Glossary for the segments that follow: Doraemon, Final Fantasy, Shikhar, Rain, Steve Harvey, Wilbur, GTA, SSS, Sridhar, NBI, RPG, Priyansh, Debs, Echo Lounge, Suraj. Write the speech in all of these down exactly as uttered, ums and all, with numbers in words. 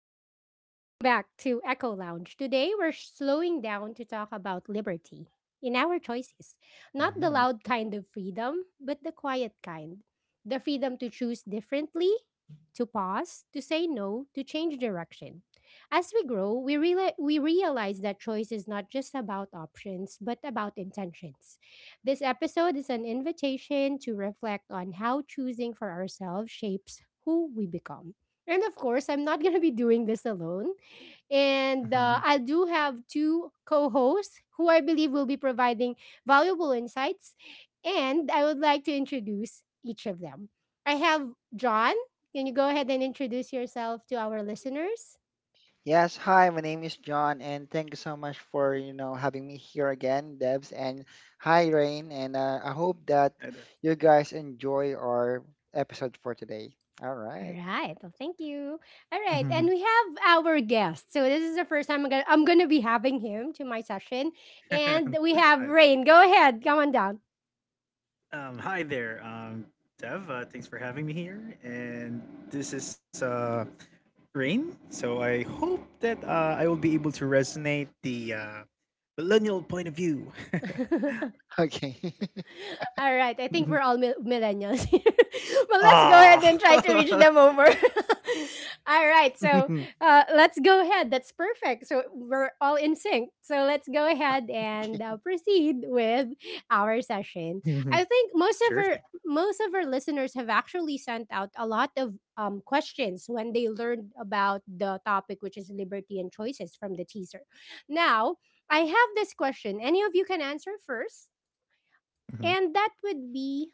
to welcome back to Echo Lounge. Today we're slowing down to talk about liberty in our choices. Not the Mhm. loud kind of freedom, but the quiet kind. The freedom to choose differently, to pause, to say no, to change direction. As we grow, we reali- we realize that choice is not just about options, but about intentions. This episode is an invitation to reflect on how choosing for ourselves shapes who we become, and of course, I'm not going to be doing this alone. And uh, Mhm. I do have two co hosts who I believe will be providing valuable insights. And I would like to introduce each of them. I have John. Can you go ahead and introduce yourself to our listeners? Yes, hi, my name is John, and thank you so much for, you know, having me here again, Debs, and hi, Rain, and uh, I hope that Hi there. you guys enjoy our episode for today. All All right. right. Well, thank you. All right. Mhm. And we have our guest. So this is the first time I'm going to I'm gonna be having him to my session. And we Hi have there. Rain. Go ahead. Come on Um, hi there, um, Dev. Uh, thanks for having me here. And this is uh, Rain. So I hope that uh, I will be able to resonate the uh, millennial point of view. down. Okay. All right, I think we're all mil- millennials here. But let's go ahead Ah. and try to reach them over. All right, so uh, let's go ahead. That's perfect. So we're all in sync. So let's go ahead and Okay. uh, proceed with our session. I think most of Sure thing. our most of our listeners have actually sent out a lot of um, questions when they learned about the topic, which is liberty and choices, from the teaser. Now, I have this question. Any of you can answer first. Mhm. And that would be,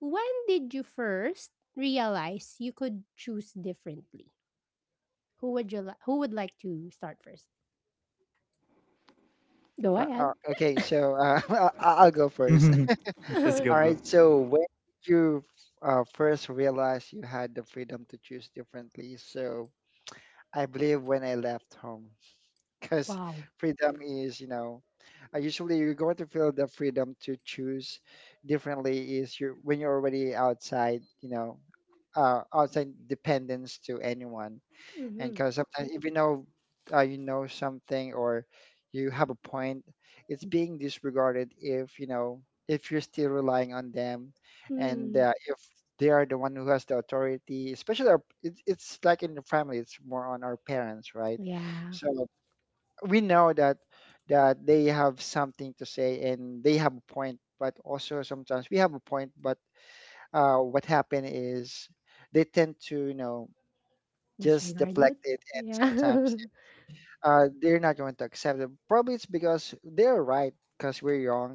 when did you first realize you could choose differently? Who would you li- who would like to start first? Go Uh, ahead. Uh, okay, so uh, I- I'll go first. Mhm. Let's go, All bro. right, so when did you uh, first realize you had the freedom to choose differently? So I believe when I left home. Because Wow. freedom is, you know, uh, usually you're going to feel the freedom to choose differently is you when you're already outside, you know, uh, outside dependence to anyone. And Hmm. because sometimes if you know, uh, you know something or you have a point, it's being disregarded if, you know, if you're still relying on them, and Mm. uh, if they are the one who has the authority, especially our, it's it's like in the family. It's more on our parents, right? Yeah. So we know that that they have something to say and they have a point, but also sometimes we have a point, but uh, what happen is they tend to you know just Disregard it. deflect it. And Yeah. sometimes uh, they're not going to accept it, probably it's because they're right because we're young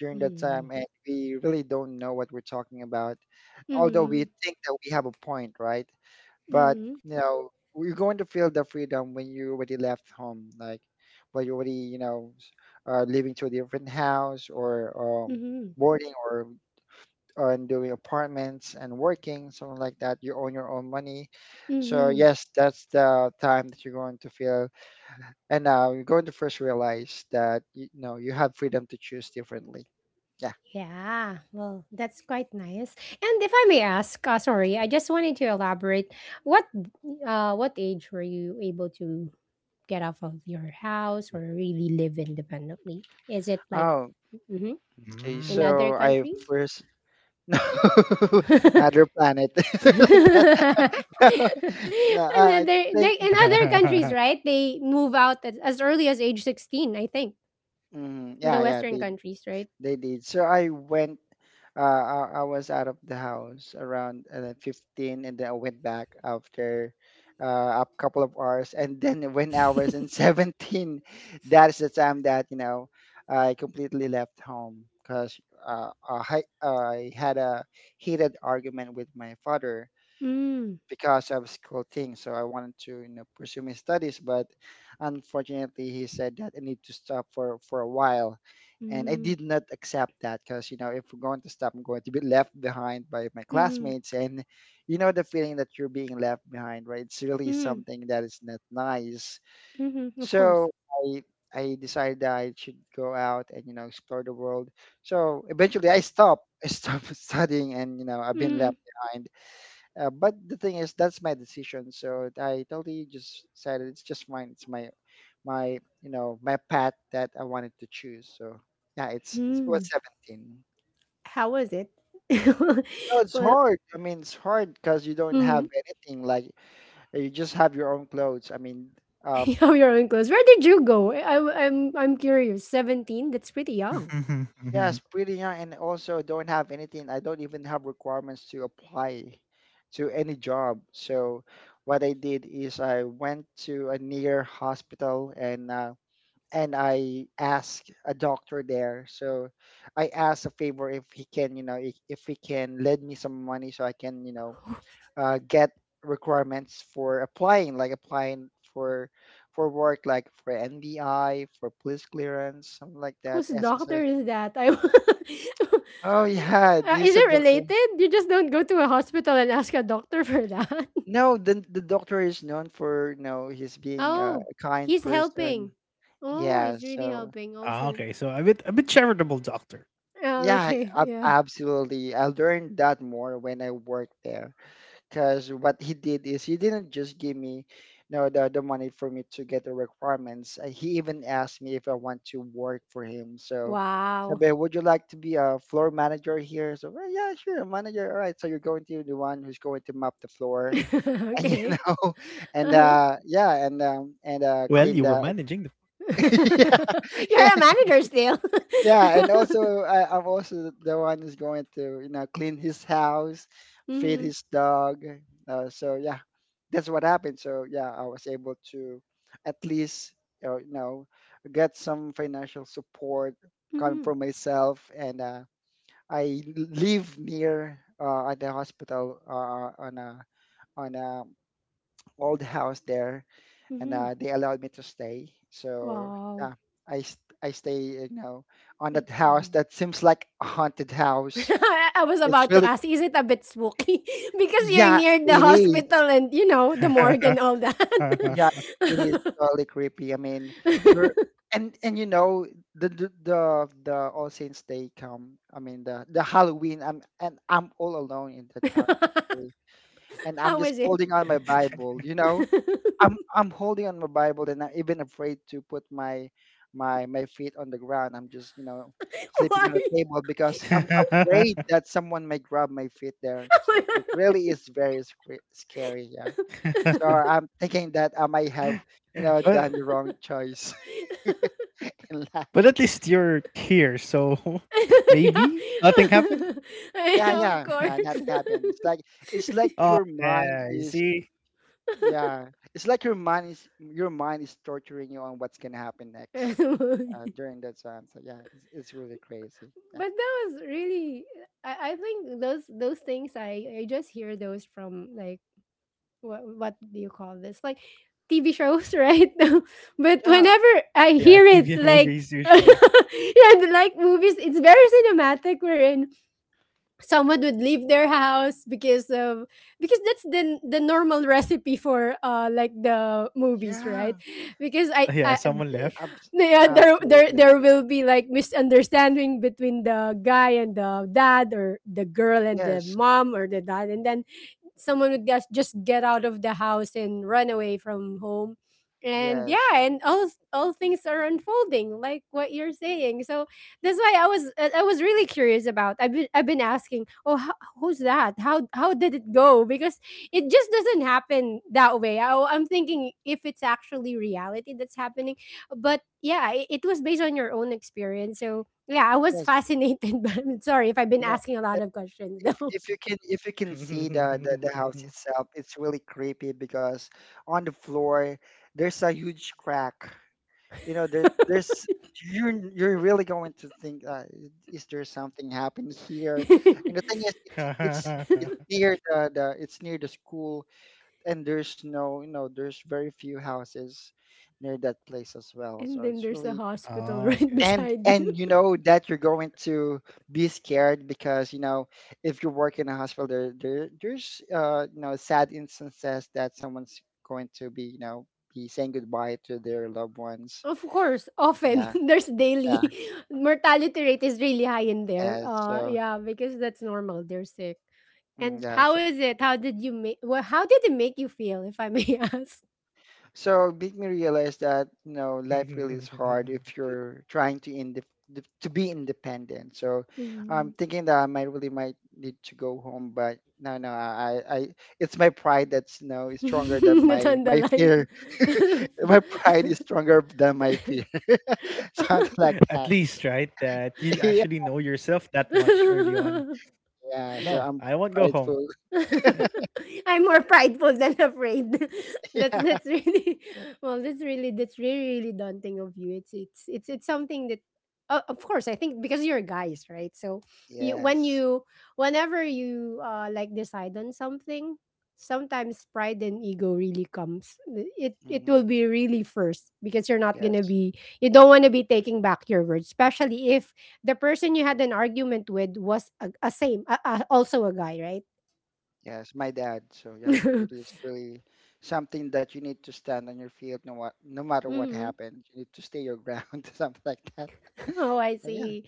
during that time Mm. and we really don't know what we're talking about, although we Hmm. think that we have a point, right? But Hmm. you know you're going to feel the freedom when you already left home, like when you already you know s- uh, living to a different house, or um, Hmm. boarding, or and doing apartments and working, something like that, you own your own money. So Hmm. yes, that's the time that you're going to feel, and now you're going to first realize that you know you have freedom to choose differently. Yeah. Yeah. Well, that's quite nice. And if I may ask, uh, sorry, I just wanted to elaborate. What uh, what age were you able to get off of your house or really live independently? Is it like Oh, mhm, okay, Mm. in other so I countries? first. No, Another another planet. Like that. No, I like I think, in other countries, right? They move out as, as early as age sixteen, I think. mhm, In the yeah, yeah, western they countries, right? they did. So I went. Uh, I, I was out of the house around uh, like, fifteen, and then I went back after uh, a couple of hours, and then when I was in seventeen, that is the time that you know I completely left home. Because uh, I I had a heated argument with my father Mm. because of school things. So I wanted to, you know, pursue my studies, but unfortunately, he said that I need to stop for for a while, and I Mm. did not accept that because you know if we're going to stop, I'm going to be left behind by my Mhm. classmates, and you know the feeling that you're being left behind, right? It's really Mhm. something that is not nice. Mhm. Of course. So I. I decided that I should go out and you know explore the world. So eventually, I stopped. I stopped studying, and you know I've been Mm. left behind, uh, but the thing is, that's my decision. So I totally just said it's just mine. It's my, my, you know, my path that I wanted to choose. So yeah, it's, it's it was Mm. seventeen. How was it? Well, it's Well, hard. I mean, it's hard because you don't have anything. Like uh, you just have your own clothes. I mean, you um, have your own clothes. Where did you go? I- I'm I'm I'm curious. seventeen? That's pretty young. yes, pretty young, and also don't have anything. I don't even have requirements to apply to any job. So what I did is I went to a near hospital and. Uh, and I asked a doctor there. So I asked a favor if he can, you know, if, if he can lend me some money so I can, you know, uh, get requirements for applying, like applying for for work, like for N B I, for police clearance, something like that, Whose S S S. doctor is that? I Oh yeah, Uh, is he's a it doctor. related? You just don't go to a hospital and ask a doctor for that. No, the the doctor is known for, you know, he's being uh, Oh, a kind he's person. helping. Oh, Yeah, he's really so helping Ah, also. okay, so a bit a bit charitable doctor. Oh, yeah, okay. ab- Yeah. absolutely. I learned that more when I worked there because what he did is he didn't just give me, you know, the, the money for me to get the requirements. Uh, He even asked me if I want to work for him. So, Wow. Sabi, would you like to be a floor manager here? So, well, yeah, sure, manager. All right. So you're going to be the one who's going to mop the floor, and you Okay. know, and Uh-huh. uh, yeah, and um, and uh, Well, clean you were the. managing the Yeah. You're a manager still. Yeah, and also I, I'm also the one who's going to, you know, clean his house, feed Hmm. his dog. Uh, so yeah, that's what happened. So yeah, I was able to at least, uh, you know, get some financial support coming Hmm. from myself, and uh, I live near uh, at the hospital uh, on a on a old house there, and Hmm. uh, they allowed me to stay. So Wow. yeah, I st- I stay you know on Y- that house mhm. that seems like a haunted house. I I was It's about to really ask, is it a bit spooky? Because you're Yeah, near the it is. hospital and, you know, the morgue and all that. Yeah, it is totally creepy. I mean, you're and and you know the the the, the All Saints Day come. I mean the the Halloween. I'm and I'm all alone in that house, actually. And I'm How just is it? holding on my Bible, you know, I'm I'm holding on my Bible, and I'm even afraid to put my my my feet on the ground. I'm just, you know, sleeping Why? on the table because I'm afraid that someone may grab my feet there. So it really is very scary, scary, yeah. So I'm thinking that I might but have, you know, done the wrong choice in but at life. least you're here, so maybe nothing happened. Yeah, Yeah. Of yeah, course. yeah. Nothing happened. It's like it's like Oh your mind yeah, you is. see, Yeah, it's like your mind is your mind is torturing you on what's gonna happen next uh, during that time. So yeah, it's, it's really crazy. Yeah, But that was really, I, I think those those things I I just hear those from like, what what do you call this, like T V shows, right? But yeah, whenever I ah, yeah, hear it T V and like movies usually. yeah, the, like movies, it's very cinematic. We're in someone would leave their house because of, because that's the the normal recipe for uh like the movies, yeah, right? because I, Ah, I yeah, someone uh, left. Abs- Yeah, there there absolutely. there will be like misunderstanding between the guy and the dad or the girl and the Yes, mom or the dad, and then someone would just just get out of the house and run away from home, and yeah, yes, and all all things are unfolding like what you're saying. So that's why i was i I was really curious about. I've been I've been asking, oh how, who's that, how how did it go, because it just doesn't happen that way. I, I'm thinking if it's actually reality that's happening, but yeah, it, it was based on your own experience. So yeah, I was yes, fascinated. But sorry if I've been you know, asking a i- lot of questions if though. if you can if you can see the, Oh, the the house itself, it's really creepy because on the floor there's a huge crack. You know there, there's you're you're really going to think, uh, is there something happened here? And the thing is it's it's it's near the, the it's near the school, and there's no you know there's very few houses near that place as well, so And then it's there's a really. hospital right okay. that- and beside you. and you know that you're going to be scared because you know if you work in a hospital there, there there's uh you know sad instances that someone's going to be you know be saying goodbye to their loved ones. Of course, often Yeah. there's Yeah. daily mortality rate is really high in there. Yes, Uh, so Yeah, because that's normal. They're sick. mm, And yeah, how so, is it? How did you make? Well, how did it make you feel, if I may ask? so it made me realize that you know life really is hard if you're trying to indep d- to be independent. So I'm Mm. thinking that I might really might need to go home, but no, no, I, I I- it's my pride that's you know is stronger than That's my on the my line. fear. My pride is stronger than my fear, something like At that. least, right? That you Yeah, actually know yourself that much early on. yeah. So No, I'm I won't go home. prideful. I'm more prideful than afraid. that's Yeah. that's really well. That's really that's really really daunting of you. It's it's it's it's something that, uh, of course, I think because you're guys, right? So, you, when Yes. you, whenever you uh like decide on something, sometimes pride and ego really comes. It it will Hmm. be really first because you're not gonna Yes. be, you don't want to be taking back your words, especially if the person you had an argument with was a, a same a, a, also a guy, right? Yes, my dad. So yeah, it is really something that you need to stand on your field, no, what no matter what Hmm. happens. You need to stay your ground, something like that. Oh, I So yeah. see.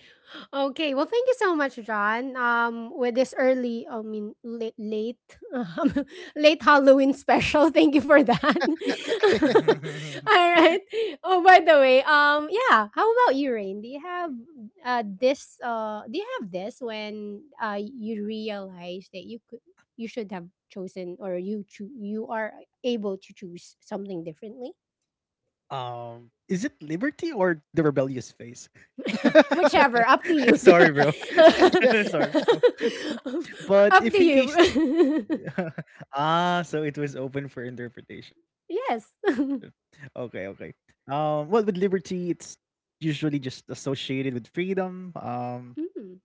Okay, well, thank you so much, John. Um, with this early, I mean, late, late, um, late Halloween special. Thank you for that. Okay. All right. Oh, by the way, um, yeah. How about you, Rain? Do you have uh this uh Do you have this when uh you realize that you could, you should have chosen, or you cho- you are able to choose something differently? Um, is it Liberty or the rebellious phase? Whichever, up to you. Yeah. Sorry, bro. Yeah. Sorry, bro. Up to But if in case you. ah, so it was open for interpretation. Yes. Okay, okay. Um, well, with liberty, it's usually just associated with freedom. Um, mm.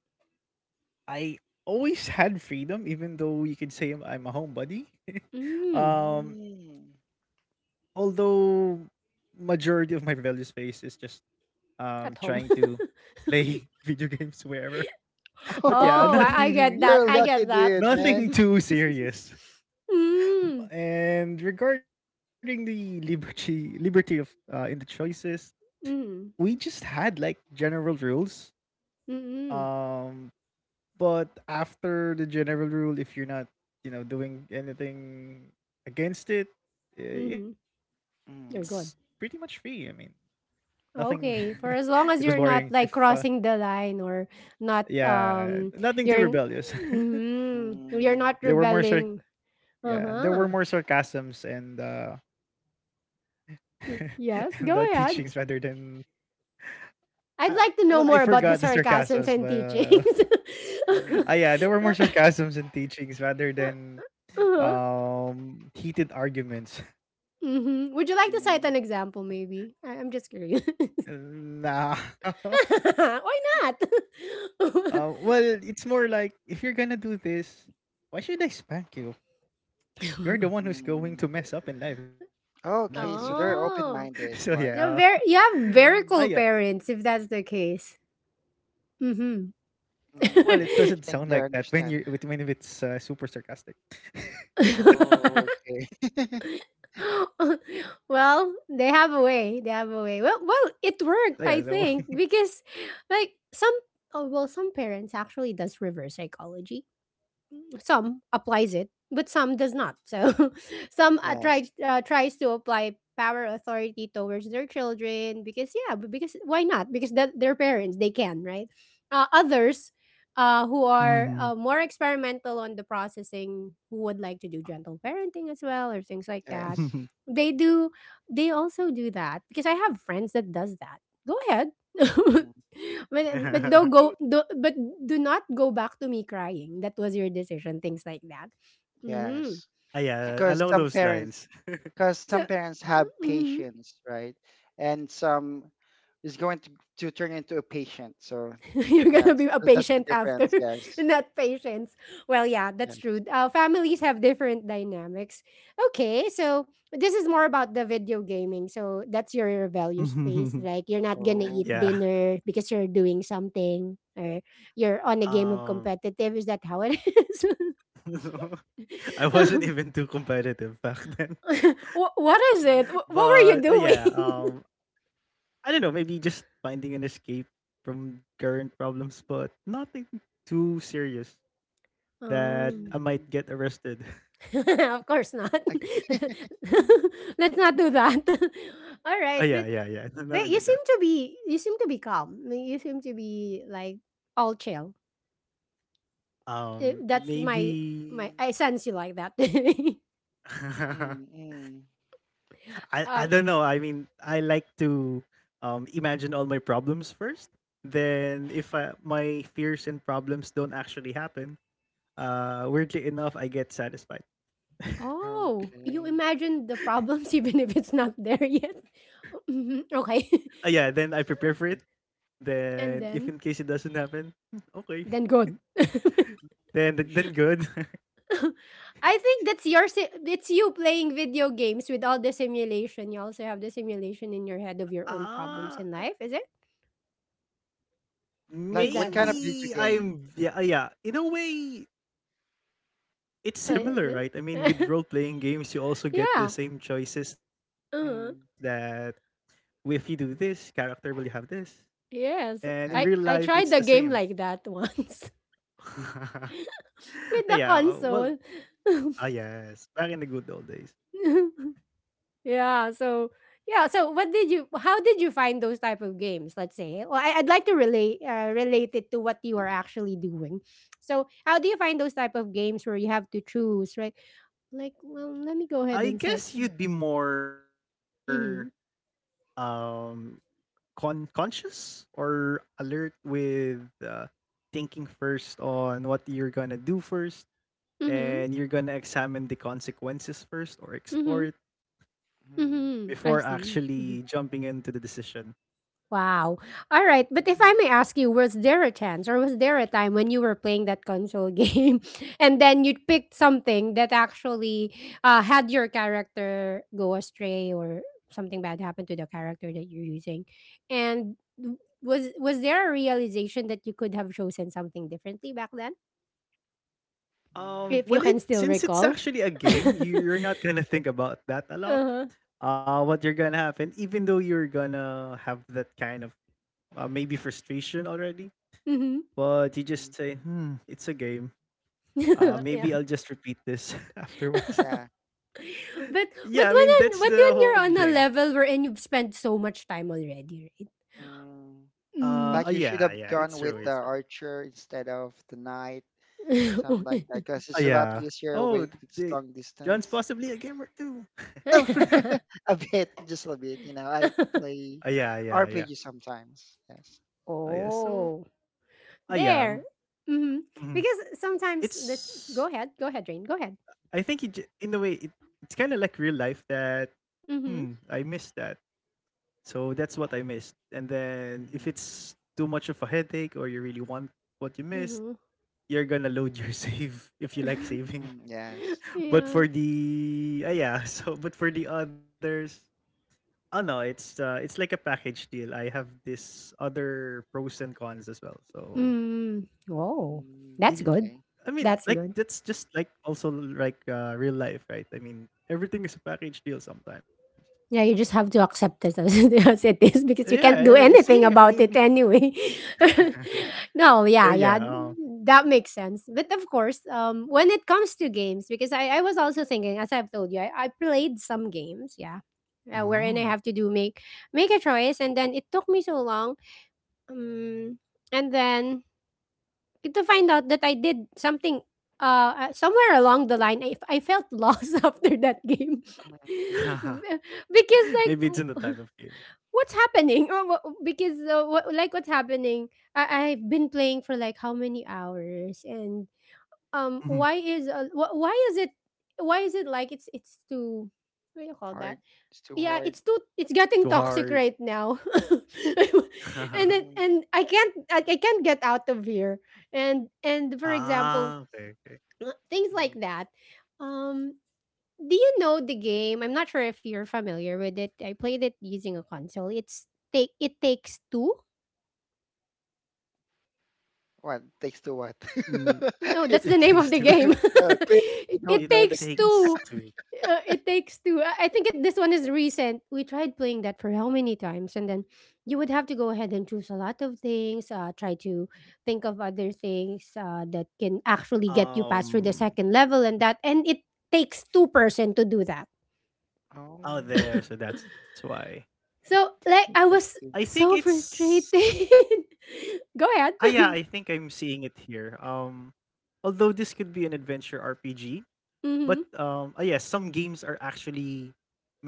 I always had freedom, even though you could say I'm, I'm a homebody. Mm. Mm. um, Although majority of my rebellious phase is just At home. um trying to play video games wherever. But Oh, yeah, I, I get You're that, nothing a I lucky get that. dude, man. Mm. nothing too serious. And regarding the liberty liberty of uh in the choices, we Mm. just had like general rules. Mm. Um but after the general rule if you're not, you know, doing anything against it, eh, Mm. it's pretty much You're Mm. free. I good. mean, nothing it Okay, was Mm. for as long as boring you're if not uh like crossing the line or not yeah, um, nothing too you're rebellious. mm, you're Mm. not there were more sar- rebelling. yeah, there were Uh-huh. more sarcasms and uh and Y- the yes, teachings go rather ahead. than uh, I'd like well, to I know more forgot the about the sarcasms, sarcasms but and uh, teachings. ah, Mhm. yeah, there were more sarcasms and teachings rather than Uh-huh. um heated arguments. Mhm. Would you like to cite Mm. an example, maybe? I- I'm just curious. Nah. Why not? Uh, well, it's more like if you're gonna do this, why should I spank you? You're the one who's going Mm. to mess up in life, not me. Okay, so they're So Oh, yeah, open-minded, like. you're uh, very, you have ah, very Mm. cool parents if that's the case. Mm-hmm. well, Mm. it Yeah, doesn't I sound think like they're that when you understanding. with when it's uh, super sarcastic. Oh, okay. Well, they have a way. They have a way. Well, well, So it yeah, so worked, I think, because like some, oh, well, some parents actually does reverse psychology, some applies it, but some does not. So some uh, Yes, tries uh, tries to apply power authority towards their children because yeah, b- because why not? Because that their parents they can, right. Uh, others. Uh, who are Mhm. uh, more experimental on the processing, who would like to do gentle parenting as well, or things like that. yes. They do, they also do that because I have friends that does that. Go ahead. Mm. but but Yes. don't go do, but do not go back to me crying, that was your decision, things like that. Mm-hmm. Yes. Ah, Eh, yeah, Because along some those lines. parents, because so some parents have hmm. patience, right? And some is going to to turn into a patient. So You're yeah, gonna be it's- a so that's the patient after. difference. Yes. Not patience. Well yeah, that's true, Yes. uh, families have different dynamics. Okay, so this is more about the video gaming, so that's your value space, Mhm. like you're not gonna eat Yeah. Okay. dinner because you're doing something, or you're on a game of Um competitive, is that how it is? I wasn't even too competitive back then. Wha what is But uh, it? Wha yeah, what were you um doing? I don't know, maybe just finding an escape from current problems, but nothing too serious that Um, I might get arrested. of course not. Let's not do that. All Oh right, yeah, but yeah, yeah. but Nothing you like that. seem to be, you seem to be calm. I mean, you seem to be like all chill. Eh, Um that's my, my maybe I sense you like that. Mm, okay. Mm, mm. I I don't know. I mean, uh, I like to um imagine all my problems first. Then if I, my fears and problems don't actually happen, uh weirdly enough, I get satisfied. oh, you Okay. imagine the problems even if it's not there yet. Uh, Mhm, yeah, okay. then I prepare for it. Mm, mm, Then if And in case then it doesn't happen, hmm, okay. then good. Then then, mm, then okay. good. I think that's your si- it's you playing video games with all the simulation. You also have the simulation in your head of your own problems Ah, in life, is it? Is Like that what kind of how? video maybe game? I'm yeah, uh, yeah. In a way, it's Uh, is similar, right? I mean, with it? role playing games, you also get the Yeah. same choices that Uh, Mm. well, if you do this, character will you have this. And yes. in real Yes. I life, I it's the tried the same. game like that once Ah, with the yeah, uh, well, console. ah, yes, back in the good old days. Yeah, so, yeah, so what did you, how did you find those type of games, let's say? Well, I, I'd like to relate uh, relate it to what you are actually doing. So, how do you find those type of games where you have to choose, right? Like, well, let me go ahead I and cite guess some, you'd be more mhm, um con conscious or alert with uh, thinking first on what you're gonna do first, mhm, and you're gonna examine the consequences first or explore mhm, it before Mm. mhm, I actually see, jumping mhm. into the decision. Wow. All right, but if I Mm, may ask you, was there a chance or was there a time when you were playing that console game, and then you picked something that actually uh, had your character go astray, or something bad happened to the character that you're using? And w- was was there a realization that you could have chosen something differently back then? Um, If mm, you Well, it can still since it's recall. actually a game, you're not gonna think about that a lot. Uh-huh. Uh, what you're gonna happen, even though you're gonna have that kind of uh, maybe frustration already, Mm-hmm. but you mm, just say, "Hmm, it's a game. Uh, okay. Yeah. maybe I'll just repeat this afterwards." Yeah. But but when Yeah, I mean on, but that's when the you're whole on a thing. level wherein you've spent so much time already, right? Mm. Uh, Mm. uh Like you should yeah, have yeah, it's gone true, with the it's true. archer instead of the knight, something like that, because Uh, it's a lot yeah. easier Oh, with th- it's they, long John's distance. possibly a gamer too. No, a bit, just a bit. You know, I Uh, play yeah, yeah, yeah. R P G sometimes. Yes. Uh, yeah. So, Oh. uh, yeah. There. Hmm. mm, Because sometimes the, It's go ahead, go ahead, Rain. Go ahead. I think it, j- in a way it, it's kind of like real life that hmm Mm-hmm. I missed that. So that's what I missed. And then if Hmm. it's too much of a headache or you really want what you missed, Mm-hmm. you're gonna load your save if you like saving. Hmm. Yes. Yes. But Yeah. for the uh, yeah, so but for the others, oh no, it's uh, it's like a package deal. I have this other pros and cons as well. So Mm. Oh. Mm, you, That's j- good. okay. I mean, That's like good. that's just like also like uh, real life, right? I mean, everything is a package deal sometimes. Yeah, you just have to accept it as it as it is because you Yeah, I can't do mean, see, anything I about mean, it anyway. No, so yeah, yeah, yeah, uh, that makes sense. But of course, um, when it comes to games, because I, I was also thinking, as I've told you, I, I played some games, yeah, uh, wherein I have mm. to do make make a choice, and then it took me so long, um, and then to find out that I did something. Uh, uh, somewhere along the line, I, I felt lost after that game. Mm-hmm. Because Maybe it's like in the type of game. what's happening? Uh, wha- Because uh, what, like what's happening? I I've been playing for like how many hours, and um, Mhm. why is uh, wh- why is it why is it like it's it's too what do you call that? Hard. It's too Yeah, hard. it's too it's Too getting hard. toxic right now, and then Mm-hmm. and I can't I, I can't get out of here, and and for example, Ah, okay, okay. uh, things like Mm-hmm. that. Um, do you know the game? I'm not sure if you're familiar with it. I played it using a console. It's take it takes two. What takes to what? Mm, No, that's it the name takes of the two. game. Uh, clearly, you don't It It know that. takes two. takes two. Uh, it takes two. I I think it, this one is recent. We tried playing that for how many times, and then you would have to go ahead and choose a lot of things. Uh, try to think of other things uh, that can actually get you past through Um, the second level, and that and it takes two person to do that. Oh, out there, so that's why. So that's like what it I I takes was think two. so it's. frustrated. Go Ah, ahead. yeah, I think I'm seeing it here. Um, although this could be an adventure R P G, Mhm. but um uh, yes, some games are actually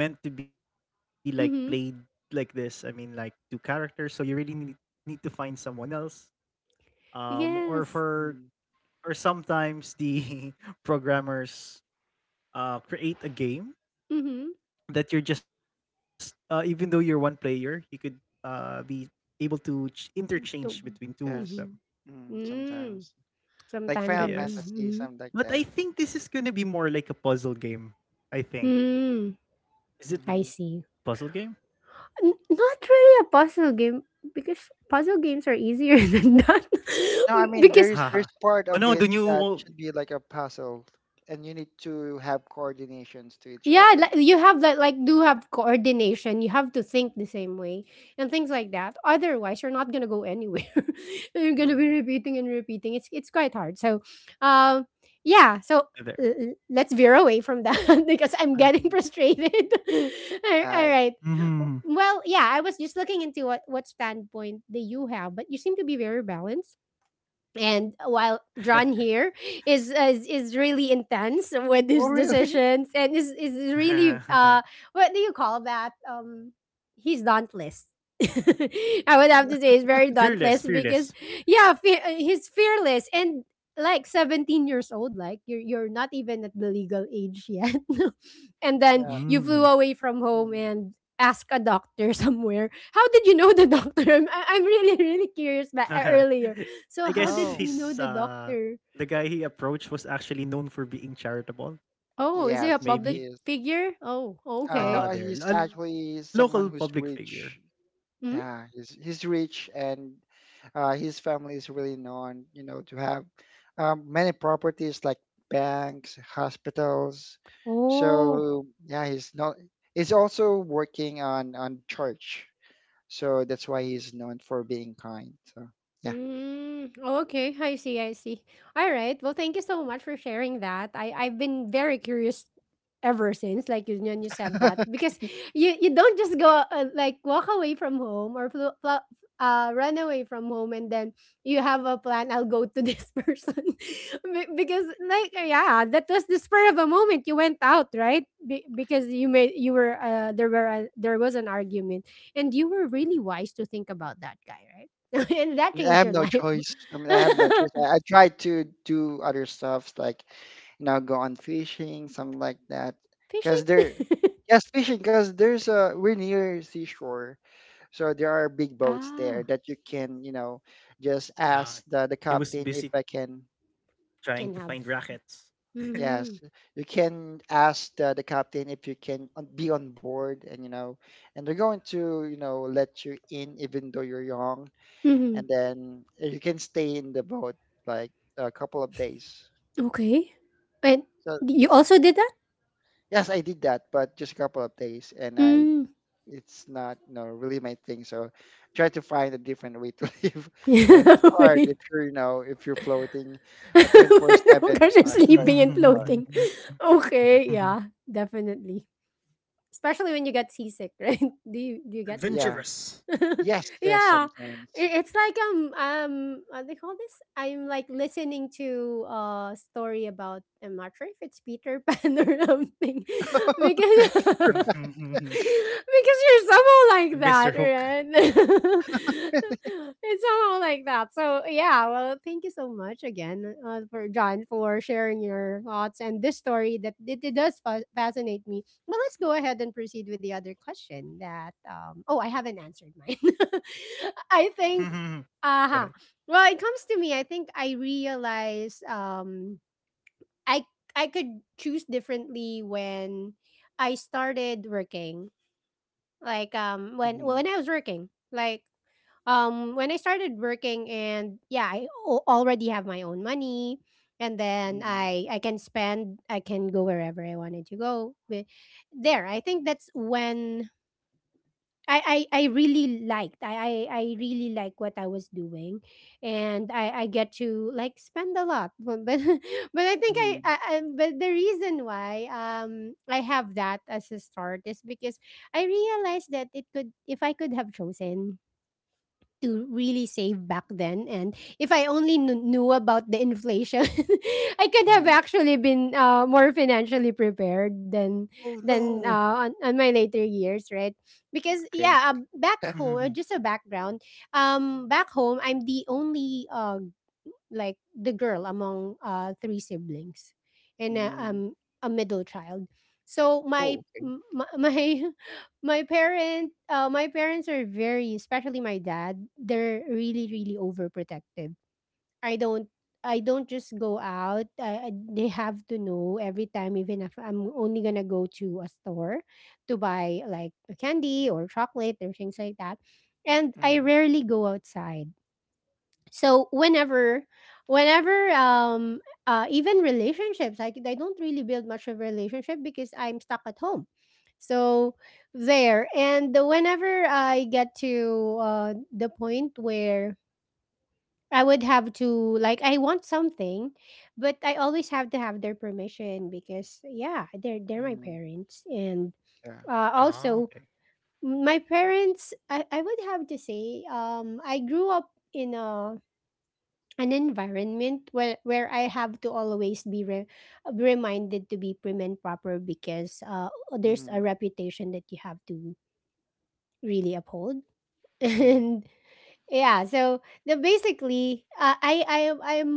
meant to be like played Mhm. like this. I mean like two characters, so you really need need to find someone else. Um or Yes. for Mm. or sometimes the programmers uh create a game Mhm. that you're just uh, even though you're one player, you could uh be able to ch- The- interchange between Yes. Mhm. two of them. Mm, Mm. sometimes. Like Sometimes Final you're Uh, Fantasy, mm-hmm. something yes. like that. But I think this is going to be more like a puzzle game, I Mm. think. I Hmm. see. Is it the puzzle game? N- not really a puzzle game because puzzle games are easier than that. No, I mean Because there's there's part Haha! of it Oh that no, the should be new like a wo puzzle, and you need to have coordinations to each yeah, other. like you have that, like do have coordination. You have to think the same way and things like that. Otherwise, you're not gonna go anywhere. You're gonna be Mm. repeating and repeating. It's it's quite hard. So, um, yeah. So, l- l- there. let's veer away from that because I'm getting frustrated. all uh, All right. Mhm. Well, yeah. I was just looking into what what standpoint do you have, but you seem to be very balanced, and while John here is is, is really intense with oh, his really? decisions and is is really uh, what do you call that, um, he's dauntless. I would have to say he's very dauntless Fearless, because fearless. yeah, fe- uh, he's fearless, and like 17 years old, like you're you're not even at the legal age yet. And then Yeah. you flew away from Mm. home Mm. and ask a doctor somewhere. How did you know the doctor? i'm, I- I'm really really curious, but I earlier, so how did Oh, you guess know the he's doctor? uh the guy he approached was actually known for being charitable, Oh, is he yes, a he public is. maybe. figure? Oh, Uh, okay. no, he's Uh there. actually A someone local who's public figure. rich. Hmm? Yeah, he's he's rich, and uh, his family is really known, you know, to have um, many properties like banks, hospitals. Oh. So yeah, he's not. He's also working on on church, so that's why he's known for being kind. So Mm, oh, okay, I see, I see. All right. Well, thank you so much for sharing that. I I've been very curious ever since like you, when you said yeah. that, because Okay. you you don't just go uh, like walk away from home, or fl- fl- uh run away from home, and then you have a plan, I'll go to this person. Be- because like yeah, that was the spur of a moment you went out, right? Be- because you made you were uh, there were a, there was an argument, and you were really wise to think about that guy, right? And that I changed have your no life. choice. I mean, I have no choice. I, I tried to do other stuff like, you know, go on fishing, something like that. Cause Fishing? there, yes, fishing. Cause there's a we're near seashore, so there are big boats there Ah, that you can, you know, just ask the the Uh captain if I he can. was busy can have. trying to find Yes, rackets. Mm-hmm. you can ask the, the captain if you can on- be on board, and you know, and they're going to, you know, let you in even though you're young, Mm-hmm. and then uh, you can stay in the boat like a couple of days. Okay. And So you also did that? yes, I did that, but just a couple of days, and I Mm. it's not you know really my thing. So try to find a different way to live. I mean, it's hard Okay. if you're you know if you're floating a twenty four Oh seven. gosh, you're uh, so sleeping It's and really hard. floating. Ad- Yeah. Okay, yeah, definitely. Especially when you get seasick, right? Do you do you get seasick? Yeah. Yes. Adventurous. Yes. Yeah, Sometimes. it, it's like um um what they call this? I'm like listening to a story about, I'm not sure if it's Peter Pan or something because because With you're somehow like that, Mister Hook. right? It's somehow like that. So yeah, well, thank you so much again, uh, for John, for sharing your thoughts and this story that it, it does fa- fascinate me. But let's go ahead and proceed with the other question. That um, oh, I haven't answered mine. I think. Uh-huh. Well, it Go ahead. comes to me. I think I realize, um, I I could choose differently when I started working, like, um, when Hmm. when I was working, like, um, when I started working, and yeah, I al- already have my own money, and then Hmm. I I can spend, I can go wherever I wanted to go. But there, I think that's when, I, I I really liked, I, I I really like what I was doing, and I I get to like spend a lot. But but, but I think, I, Hmm. I I- but the reason why um I have that as a start is because I realized that it could, if I could have chosen to really save back then, and if I only kn- knew about the inflation, I could have Hmm. actually been uh, more financially prepared than than uh, Oh on, on my no. later years, right? Because Okay. yeah, uh, back home, uh, just a background, um, back home, I'm the only uh, like the girl among uh, three siblings, and uh, Mm. um a middle child. So my Oh. Okay. m- my my my parent uh, my parents are very, especially my dad, they're really really overprotective. I don't I don't just go out. I, I, they have to know every time, even if I'm only gonna go to a store to buy like a candy or chocolate or things like that. And I Mm. rarely go outside, so whenever whenever, um, uh, even relationships, like I don't really build much of a relationship because I'm stuck at home. So there, and whenever I get to, uh, the point where I would have to, like, I want something, but I always have to have their permission because yeah, they're they're my Mm. parents, and Yeah. uh, also Ah, okay. my parents, i, I would have to say, um, I grew up in a an environment where where I have to always be re- reminded to be prim and proper because uh, there's Mm. a reputation that you have to really uphold. Mm. And yeah, so the basically, uh, I I am I'm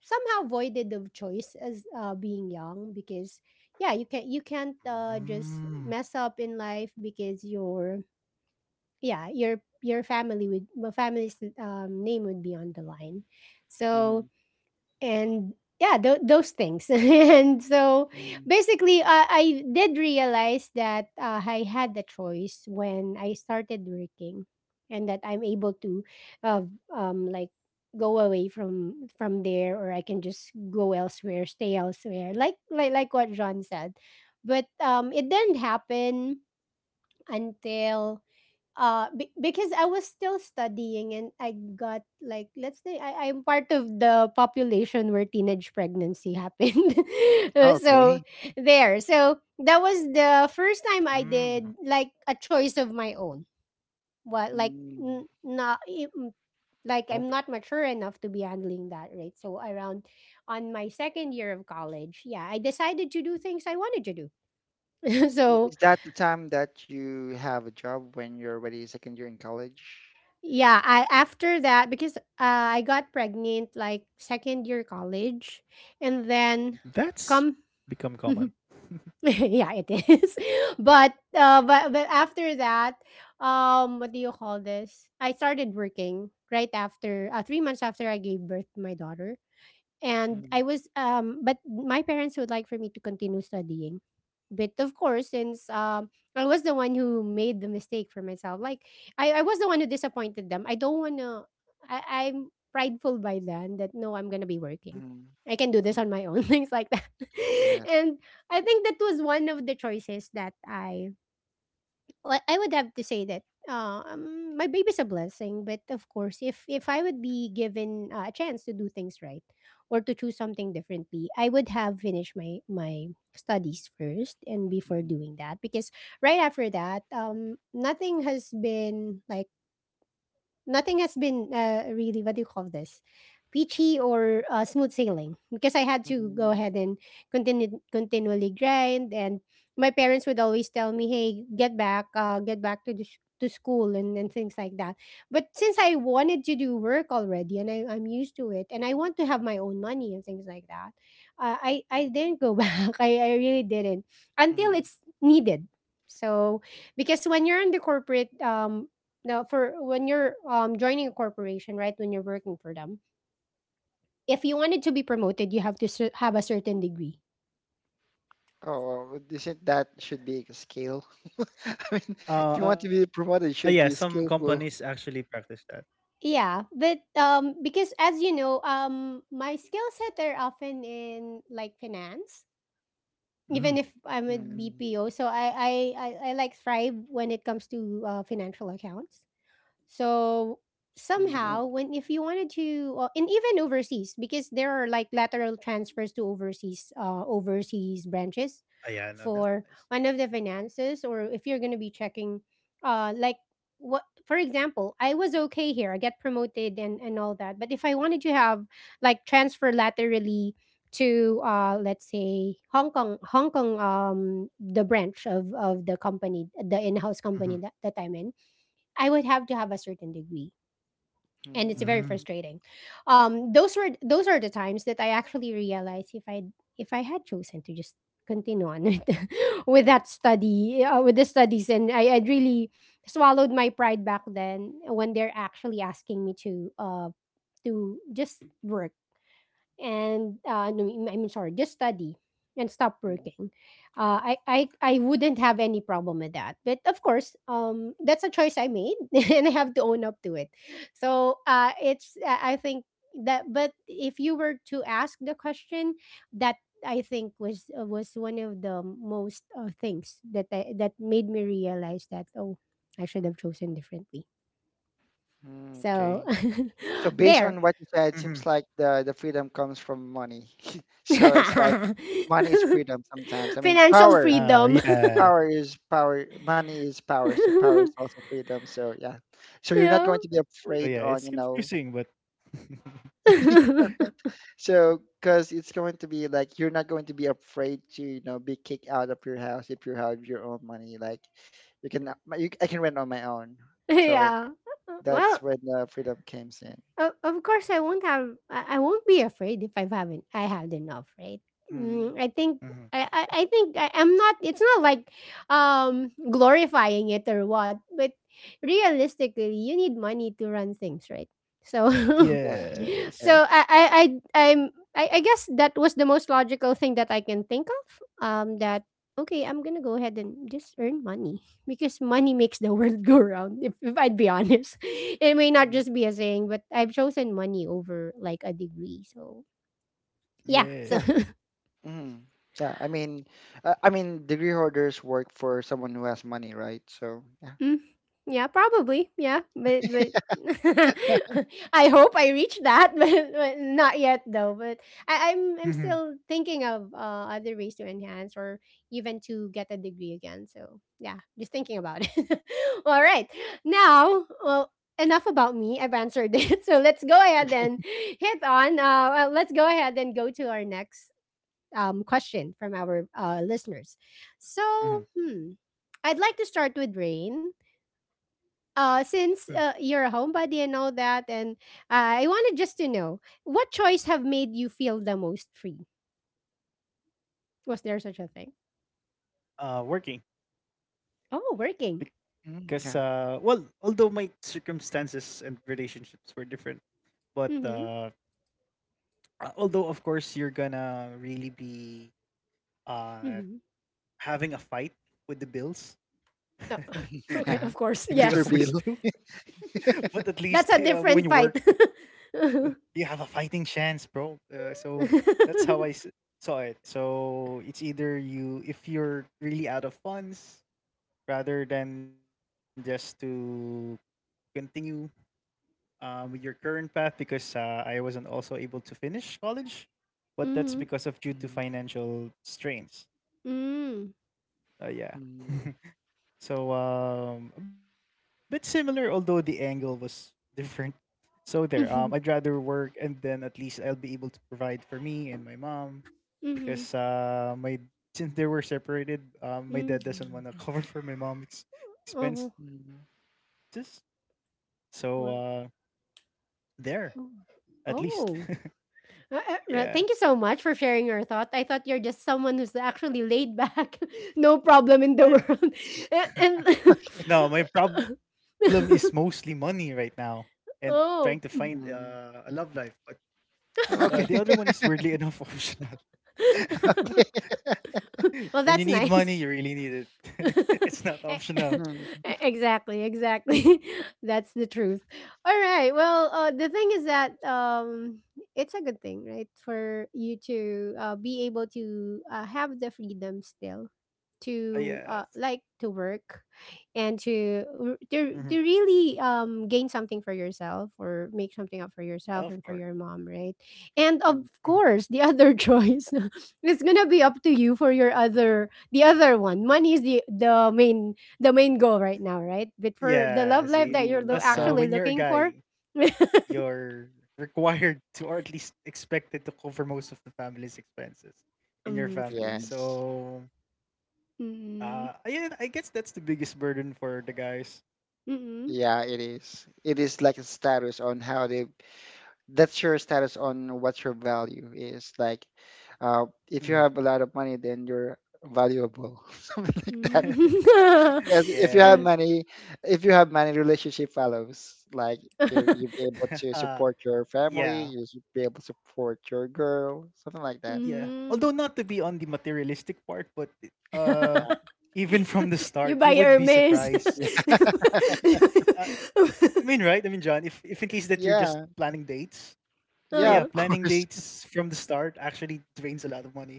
somehow voided of choice as, uh, being young, because yeah, you can you can't, uh, just Mm. mess up in life because your yeah, your your family would, well, family's, um, name would be on the line. So, and yeah, th- those things and so Mm. basically, uh, I did realize that uh, I had the choice when I started working, and that I'm able to, uh, um like go away from from there, or I can just go elsewhere, stay elsewhere, like like, like what John said. But um, it didn't happen until, uh be- because I was still studying, and I got like, let's say, I I'm part of the population where teenage pregnancy happened. Uh, so Okay. there. So that was the first time I did Mm, like a choice of my own. What like Mm. n- not I- okay. m- like I'm not mature enough to be handling that, right? So around on my second year of college, yeah, I decided to do things I wanted to do. I- So Is that the time that you have a job when you're already second year in college? yeah, I, after that, because uh, I got pregnant like second year college, and then come That's become common. yeah it is, but uh, but but after that, um, what do you call this? I started working right after uh, three months after I gave birth to my daughter, and Mm-hmm. I was um, but my parents would like for me to continue studying. But of course, since um, I was the one who made the mistake for myself. Like I, I was the one who disappointed them. I don't wanna I, I'm prideful by then that no, I'm gonna be working. I can do this on my own, things like that. Yes. and I think that was one of the choices that I well, I would have to say that uh, um, my baby's a blessing, but of course, if if I would be given uh, a chance to do things right or to choose something differently, I would have finished my my studies first and before Mm-hmm. doing that because right after that, um, nothing has been like nothing has been uh, really what do you call this peachy or uh, smooth sailing because I had to go ahead and continue continually grind and my parents would always tell me, hey, get back, uh, get back to the sh- to school, and, and things like that. But since I wanted to do work already and I, I'm used to it and I want to have my own money and things like that, uh, i i didn't go back. I, I really didn't until Mm-hmm. it's needed. So because when you're in the corporate um now for when you're um, joining a corporation, right, when you're working for them, if you wanted to be promoted you have to cer- have a certain degree. Oh, well, isn't that should be a skill? I mean, if you want to be promoted, it Uh, ah, should yeah, be some skillful. companies actually practice that. Yeah, but um because as you know um my skill set are often in like finance, even if I'm a Mm. Mm-hmm. bpo, so i Finance. i i, I like thrive when it comes to uh, financial accounts. So somehow, Ooh. when if you wanted to, uh, and even overseas, because there are like lateral transfers to overseas, uh, overseas branches for Ah, one yeah, of no, the that's nice. finances, or if you're going to be checking, uh, like what, for example, I was okay here, I get promoted and and all that, but if I wanted to have like transfer laterally to uh let's say hong kong hong kong, um the branch of of the company, the in-house company that, that I'm in. Mm-hmm. I would have to have a certain degree. And it's very frustrating. Mm. Um, those were those are the times that I actually realized if I if I had chosen to just continue on with, with that study uh, with the studies, and I I'd really swallowed my pride back then when they're actually asking me to uh to just work and uh, no, I mean sorry, just study and stop working. Uh, I, I, I wouldn't have any problem with that. But of course, um, that's a choice I made, and I have to own up to it. So uh, it's uh, I think that. But if you were to ask the question, that I think was uh, was one of the most uh, things that I, that made me realize that, oh, I should have chosen differently. Okay. So So based there. on what you said, seems like the the Mhm. freedom comes from money. So it's like money is freedom sometimes. I mean, Financial power. freedom. Uh, power is yeah. power, money is power, so power is also freedom, so yeah, so you're not Yeah. going to be So, afraid yeah, on, it's you know confusing, but right? So because it's going to be like you're not going to be afraid to, you know be kicked out of your house if you have your own money, like you can my- you, I can rent on my own, so Yeah. that's Well, when the freedom came in. Of, of course, I won't have. I I won't be afraid if I haven't. I had enough, right? Mm. Mm, I think. I, I, I Mhm. think I, I'm not. It's not like um glorifying it or what, but realistically, you need money to run things, right? So, Yes. Yes. so I I I Yes. I'm, I I guess that was the most logical thing that I can think of. Um, that, okay, I'm gonna go ahead and just earn money because money makes the world go round, if, if I'd be honest. It may not Mm. just be a saying, but I've chosen money over like a degree. So yeah. So Yeah. Yeah. Mm. Yeah, I mean, uh, I mean degree holders work for someone who has money, right? So yeah. Mm, yeah, probably. Yeah, but but I hope I reach that, but, but not yet though. But I, I'm I'm still thinking Mhm. of uh, other ways to enhance or even to get a degree again. So yeah, just thinking about it. All right, now well enough about me. I've answered it, so let's go ahead and hit on. Uh, well, let's go ahead and go to our next um, question from our uh, listeners. So hmm, Mhm. I'd like to start with Rain, uh, since Mm. uh, you're a homebody and all that, and uh, I wanted just to know, what choice have made you feel the most free? Was there such a thing? Uh, working Oh, working. Mm, because yeah. uh, well, although my circumstances and relationships were different, but Mm-hmm. uh, Uh, although of course you're gonna really be uh Mm-hmm. having a fight with the bills Oh, Yeah. okay, like of we course. always do mister Yes, Bill. but at least uh, that's w- a when you work different y- fight. Mm-hmm. you have a fighting chance bro uh, so that's how i s- saw it so it's either you if you're really out of funds rather than just to continue um, with your current path because uh, I wasn't also able to finish college but that's because of due to Mm, financial strains. Mm-hmm. Uh, yeah. mm, So um, a bit similar, although the angle was different. So there. Um, I'd Mm-hmm. rather work, and then at least I'll be able to provide for me and my mom, Mm-hmm. because uh, my since they were separated, um, my dad doesn't want to Mm-hmm. cover for my mom's Oh, expenses. mm, So uh, what? there, Oh. at least. Oh. Uh, uh, Yeah. well, thank you so much for sharing your thought. I thought you're just someone who's actually laid back, no problem in the I, world. A- And, no, my problem is mostly money right now and trying to find oh, uh, mm. a love life. But uh, the Okay. other one is weirdly enough optional. well, When you that's need nice. money, you really need it. It's not optional. E- Mm, exactly, exactly. That's the truth. All right. Well, uh, the thing is that um, it's a good thing, right, for you to uh, be able to uh, have the freedom still Uh, to uh, yes. like to work and to Mhm. r- to, to really um, gain something for yourself or make something up for Of course. yourself and for your mom, right, and of mm, Mhm. course the other choice, it's gonna be up to you. For your other, the other one, money is the the main, the main goal right now, right, Yeah, but see? for the love Plus, life uh, that when you're you're a lo- mm, nah, guy, actually looking for. you're required to, or at least expected to cover most of the family's expenses in your Um, family. true. yes. So, Mm. uh, yeah, I guess that's the biggest burden for the guys. Mm. Yeah, it is. It is like a status on how they, that's your status on what your value is. Like, uh, if you Mhm. have a lot of money, then you're valuable, something like that. Mm. Yes, if you have Yes. many, if you have many relationship fellows, like you, you be able Uh, to support your yeah. family, you should be able to support your girl, something like that. Yeah. Although Mm. not to be on the materialistic part, but Yeah, uh even from the You start, you buy would be Hermes. surprised. yeah, Uh, I mean, right? I mean, John, if if in case that you're just planning yeah, dates, uh, yeah, yeah. Uh-huh. Of planning course. dates from the start actually drains a lot of money.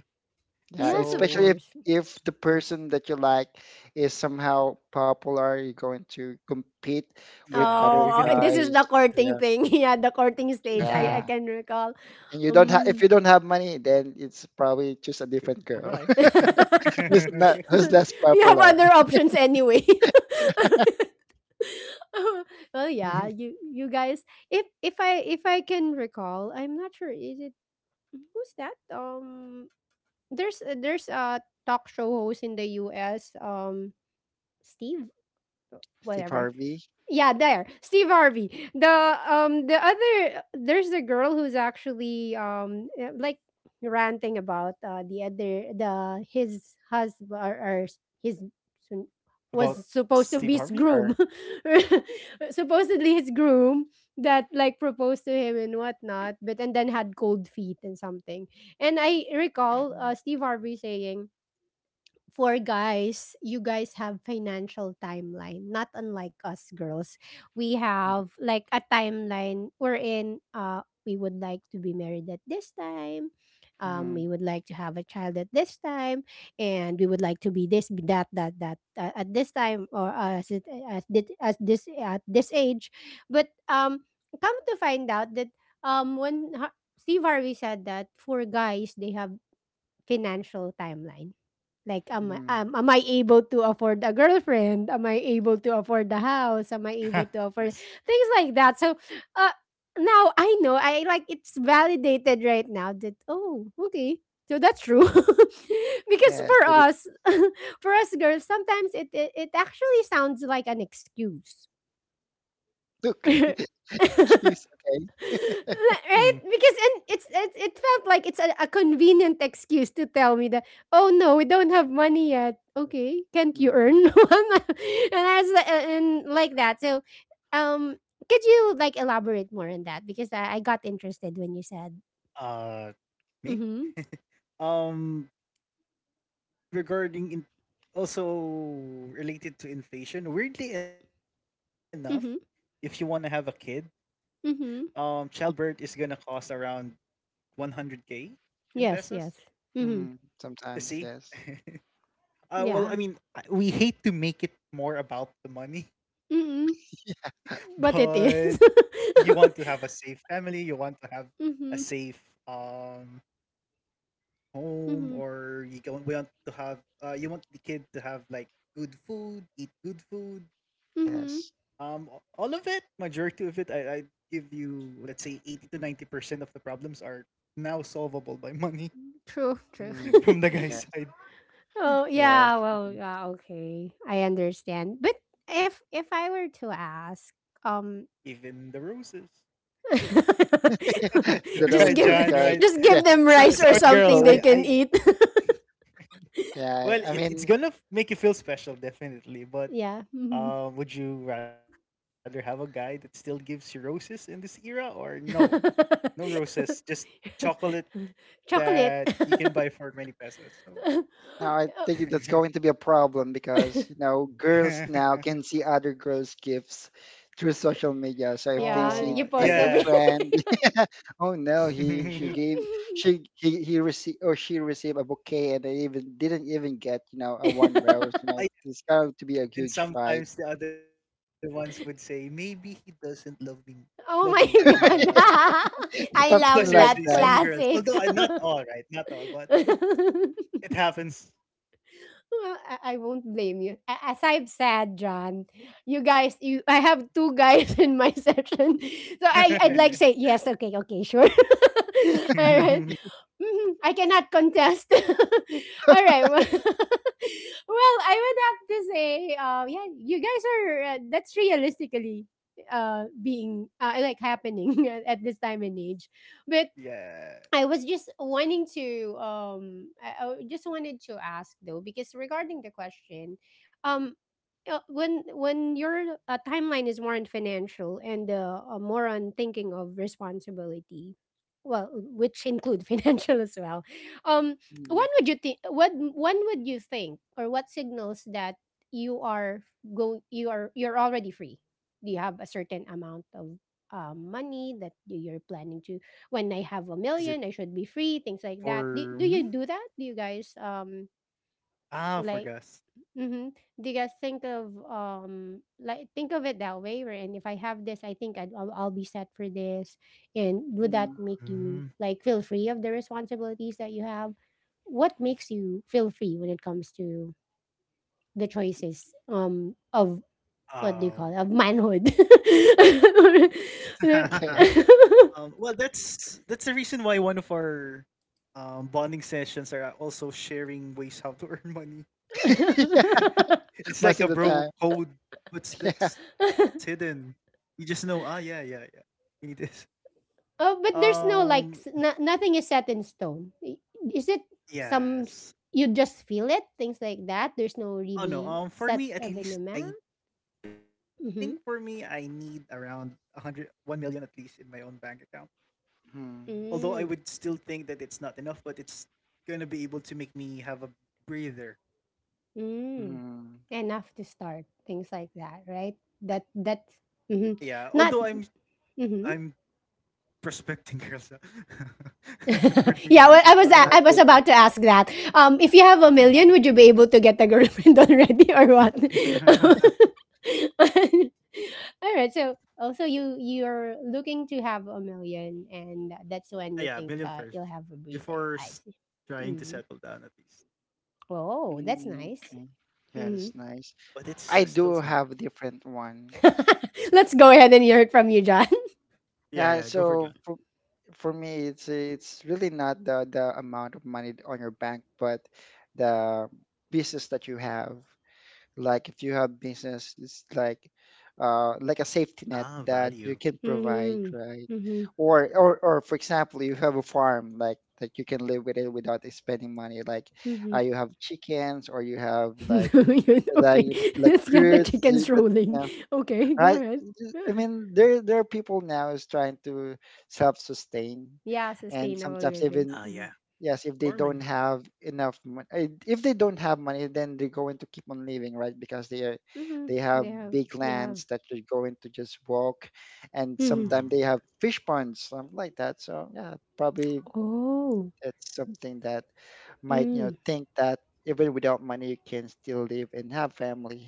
Yeah, Yes, of So, especially if course. if the person that you like is somehow popular, you're going to compete yeah, you're going with to other compete. Oh, oh, this is guys. the courting Yeah, thing. Yeah, the courting stage. I I yeah. can recall. And you don't have if Um. you don't have money, then it's probably just a different girl Bye-bye. You who's not, who's less have popular. other options anyway. Well, yeah, you you guys. If if I if I can recall, I'm not sure. Is it who's that? Um, there's there's a talk show host in the U S. Um, Steve, Steve whatever. Harvey Yeah, there. Steve Harvey. The um the other, there's the girl who's actually um eh, like ranting about uh, the other the his husband, or, or his son- About was supposed to Steve be his Harvey? groom. or Supposedly his groom that like proposed to him and whatnot, but and then had cold feet and something. And I recall, uh, Steve Harvey saying for guys, you guys have financial timeline, not unlike us girls. We have like a timeline wherein uh we would like to be married at this time. Um, mhm, we would like to have a child at this time, and we would like to be this, be that, that, that uh, at this time or as it as did as this at this age. But um, come to find out that um, when Ha- Steve Harvey said that for guys they have financial timeline, like, am I, mhm. um, am I able to afford a girlfriend? Am I able to afford the house? Yes. Am I able to afford things like that? So, uh, now I know, I like it's validated right now that, oh, okay, so that's true because Yes, for it is. us for us girls sometimes it it, it actually sounds like an excuse. Look, excuse, okay? Hmm. Like, right? Because and it's, it's it felt like it's a, a convenient excuse to tell me that, oh no, we don't have money yet. Okay, can't you earn? Mhm, One? And I was like, uh, and like that. So, um, could you like elaborate more on that? Because I, I got interested when you said. Uh me? Mm-hmm. Um regarding in also related to inflation, weirdly enough, if you want to Mm-hmm. have a kid, um, Mm-hmm. childbirth is gonna cost around one hundred k in pesos. Yes. Yes. Mm-hmm. mhm. Uh, See, Sometimes, yes, uh, well, I mean, Yeah. I- we hate to make it more about the money, Mm-hmm. but But it you want is. to have a safe family, you want to have a safe Mm-hmm. um home, Mm-hmm. or you go, we want to have uh, you want the kid to have like good food, eat good food, Um, Mm-hmm. yes. a- all of it, majority of it, I I give you well, let's say eighty to ninety percent of the problems are now solvable by money True. True. Mhm, from the guy's yes, side, Oh yes. yeah, well Mhm. yeah, okay. I understand. But if if I were to ask, um even the roses. The just Right, give roses, John. because, Right. just yeah, give them So rice or sorry, of girls. something I they course. can I eat. Yeah, well, I it, it's mean, gonna f- make you feel special, definitely. But Yeah. Mhm. uh, would you rather have a guy that still gives you roses in this era, or no, no roses, just chocolate that Chocolate. you can buy for many pesos? So. now I think that's going to be a problem because you know girls now can see other girls' gifts through social media. So if they Oh, Yeah, see you like post yeah. their everything. friend, oh no, he Ay she gave she, he, he received or she received a bouquet and they even didn't even get, you know, a one rose. You know it's going to be a and huge fight, sometimes the other ones would say, "Maybe he doesn't love me m love me," Oh my and, uh god. I no, something love seriously, like that some that. girls although, classic. uh, not all, right? Not all, but it happens. Well, I, I won't blame you. A- As I've said, John, you guys, you I have two guys in my session, so I I'd like Mm, say yes, okay, okay, sure, all right. Mhm, I cannot contest. All right. Well, well, I would have to say, uh, yeah, you guys are. Uh, that's realistically uh being uh, like happening at, at this time and age, but Yeah. I was just wanting to um I, I just wanted to ask though because regarding the question um uh, when when your uh, timeline is more on financial and uh, uh, more on thinking of responsibility, well, which include financial as well, um mm, when would you think, what when would you think or what signals that you are going you are you're already free? Do you have a certain amount of um, money that you're planning to? When I have a Is it million, I should be free, things like that. Do, for do you me? do that? Do you guys um Ah, for like Gus. Mm-hmm. do you guys think of um like think of it that way, and if I have this, I think I'd, I'll, I'll be set for this, and would that mm. make Mm. you like feel free of the responsibilities that you have? What makes you feel free when it comes to the choices um of what do you call it, Um of manhood? Okay, Um, well, that's that's the reason why one of our, um, bonding sessions are uh, also sharing ways how to earn money. It's most like a of the bro time, code, what's yeah. that's hidden. You just know, ah, yeah, yeah, yeah. You need this. Oh, but there's no Um, like s- no, nothing is set in stone. I- Is it some s- yes. you just feel it, things like that? There's no Oh no. really Um, for set me, at least, evenement. I think for me, I Mm-hmm. need around a hundred, one million at least in my own bank account. Mm, Although I would Mm, still think that it's not enough, but it's gonna be able to make me have a breather. mm. mm, Enough to start things like that, right? That Yeah. that's Although I'm, mm-hmm. not I'm mm-hmm. prospecting girls uh, for the meantime too, Yeah, well, mhm. I but. was a- I was Okay. about to ask that. Um, if you have a million, would you be able to get a girlfriend already or what? All right. So also you you're looking to have a million, and Ah, that's yeah, when you million think, first uh, you'll have a before breather. s- I see. trying to settle Mm. down at least. Oh, that's Mm, nice. okay. Yeah, Hmm. that's nice. But it's I uh, still do small. have a different one. Let's go ahead and hear it from you, John. Yeah, Yeah, yeah, go for so that. for for me it's it's really not the the amount of money on your bank, but the business that you have. Like if you have business, it's like uh like a safety net Ah, that you value. can provide, Mm-hmm. right? Mm-hmm. Or or or for example, you have a farm like that you can live with it without spending money. Like Mm-hmm. uh, you have chickens or you have like like Okay, like let's get the fruits ju- chickens that you rolling. know, Okay, go right? ahead. Ju- I mean, there there are people now is trying to self-sustain, Yeah, and sustainable sometimes living. even Ah, Mhm. yeah, yes if they farming. don't have enough money, if they don't have money, then they're going to keep on living right because they are Mhm. they have They have, big yeah. lands that they're going to just walk, Mm-mm. and Mhm. sometimes they have fish ponds, something like that. So yeah, probably Oh. it's something that might, you know, Mm. think that even without money you can still live and have family,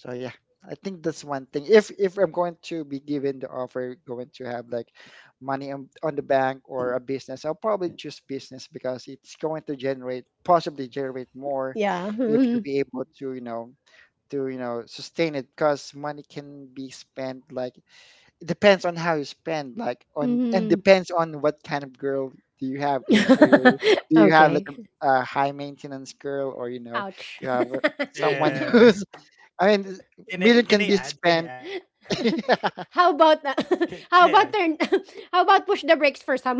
so yeah, I think that's one thing. If if I'm going to be given the offer, going to have like money on, on the bank or a business, I'll probably choose business because it's going to generate, possibly generate, more Yeah. if you Mhm. be able to, you know to, you know sustain it because money can be spent, like it depends on how you spend like on and Mhm. depends on what kind of girl do you have, is are you, do you have like Okay. a, a high maintenance girl or you know Ouch. you have a- someone who's, There. I mean, Can I million can can I be add? Can I spent. add? How about Can, that? can I add? How about turn? How about push the brakes for some?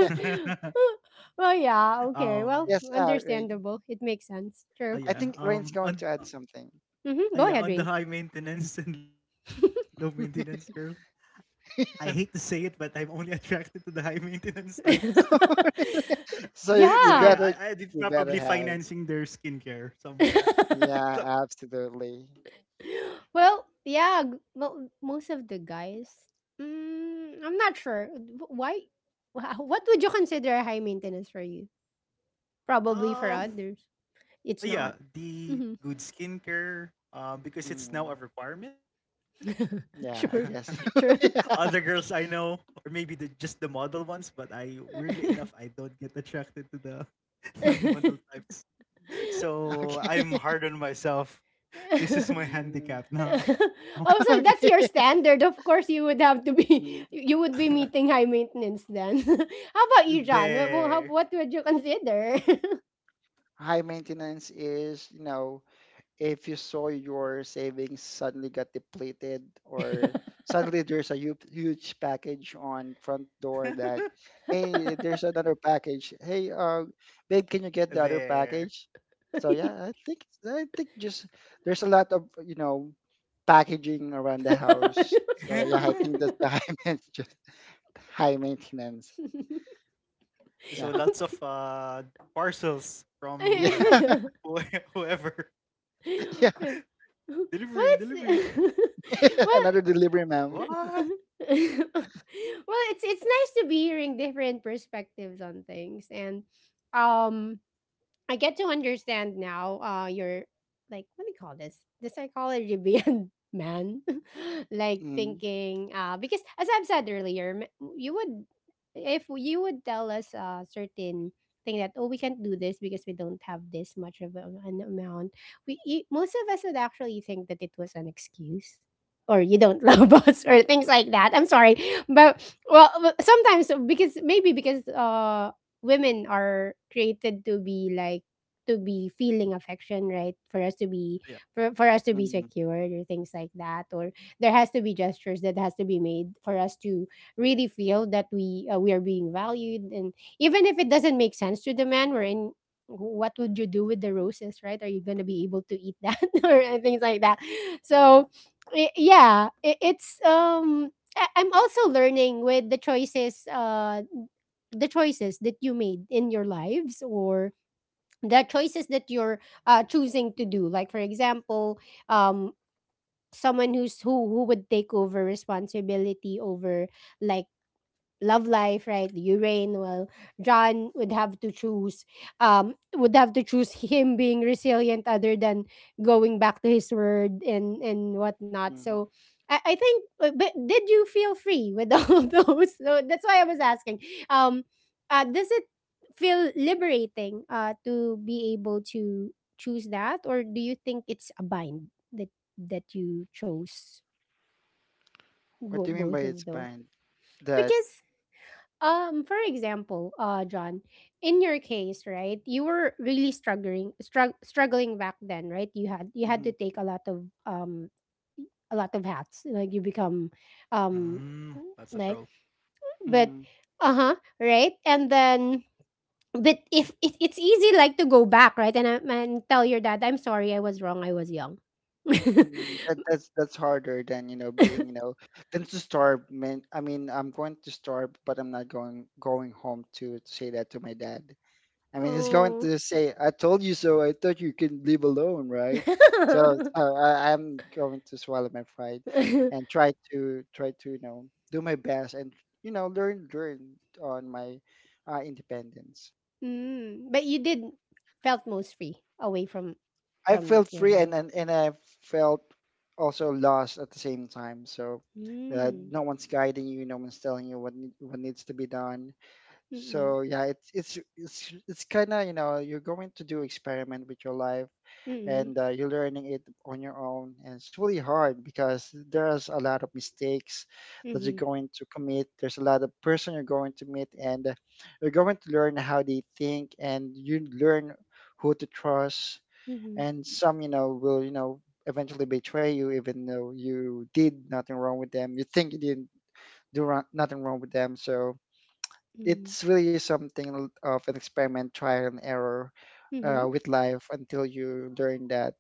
Yeah. Well, yeah. Okay. um. Well, Yes, uh, Rain. understandable. It makes sense. Ah, True. I yeah. think Rain's Um. going On. to add something. Hmm. Ah Go yeah. ahead, On the Rain. high maintenance and low maintenance girl. I hate to say it, but I'm only attracted to the high maintenance types. So So yeah, you I Yeah. I better, did you probably better have. financing their skincare somewhere. So Yeah, absolutely. Well, yeah, g- mo- most of the guys. Mm, I'm not sure. Wh- Why? wha- What would you consider high maintenance for you? Probably for um others, Uh, it's yeah, not. the Mhm. good skincare, uh, because it's now Mhm. a requirement. Yeah, I Sure, guess. Other true. yeah. girls I know, or maybe the just the model ones, but I weirdly enough I don't get attracted to the non-model types. So I'm Okay. hard on myself. This is my Mm. handicap now. Also, that's your Okay. standard. Of course, you would have to be. Mm, You would be meeting high maintenance then. How about you, John? What, mm. wha- how, There, what would you consider? High maintenance is, you know, if you saw your savings suddenly got depleted, or suddenly there's a hu- huge package on front door that, hey, there's another package, hey, uh babe, can you get the other there. package? So yeah, I think, i think just there's a lot of, you know, packaging around the house, so yeah, I think that's the high maintenance, high maintenance. So Yeah. lots Okay. of uh, parcels Yeah. from Yeah. whoe- whoever Yeah. Yeah. Well, delivery, it's delivery. well, Another delivery, What? ma'am. well, it's it's nice to be hearing different perspectives on things, and um, I get to understand now uh your like what do you call this? The psychology beyond man. Like Mm, thinking uh because as I've said earlier, m- you would if you would tell us a certain thing that oh we can't do this because we don't have this much of a- an amount, we e- most of us would actually think that it was an excuse. Or you don't love us, or mm, things like that. I'm sorry, but well, w- sometimes because maybe because uh women are created to be like to be feeling affection right for us to be Yeah. for, for us to be mm, secured or things like that or there has to be gestures that has to be made for us to really feel that we uh, we are being valued and even if it doesn't make sense to the man we're in, what would you do with the roses, right? Are you going to be able to eat that or uh, things like that, so i- yeah i- it's um I- i'm also learning with the choices uh the choices that you made in your lives or the choices that you're uh, choosing to do like for example um someone who's who who would take over responsibility over like love life, right? Urine. Well, John would have to choose, um, would have to choose him being resilient other than going back to his word and and whatnot. mm. So, I, I think. uh, But did you feel free with all those? So that's why I was asking. Um, uh, does it feel liberating? Uh, to be able to choose that, or do you think it's a bind that that you chose What bo- do you mean both by of it's those? fine? That Because um, for example, uh, John, in your case, right, you were really struggling, strug- struggling back then, right? You had you had mhm, to take a lot of um, a lot of hats, like you become, um, Mm, that's a like, thrill. but, mhm, uh huh, right, and then, but if it, it's easy, like to go back, right, and I- and tell your dad, I'm sorry, I was wrong, I was young. mhm. That that's that's harder than, you know, being, you know, than to starve. Man, I mean I'm going to starve, but I'm not going going home to, to say that to my dad. I mean he's going Oh. to say, "I told you so. I thought you could live alone, right?" So uh, I, I'm going to swallow my pride and try to try to, you know, do my best and, you know, learn learn on my uh, independence. Mm, but you did felt most free away from I from felt your free, house. and, and and I felt also lost at the same time. So uh, Mm. no one's guiding you, no one's telling you what need- what needs to be done. Mm, So yeah, it's it's it's it's kind of, you know, you're going to do experiment with your life, mm, and uh, you're learning it on your own, and it's really hard because there's a lot of mistakes that you're mhm, going to commit, there's a lot of person you're going to meet, and uh, you're going to learn how they think, and you learn who to trust, mhm, and some, you know, will, you know, eventually betray you even though you did nothing wrong with them, you think you didn't do wrong, nothing wrong with them, so mhm, it's really something of an experiment, trial and error, uh, mhm, with life until you learn that,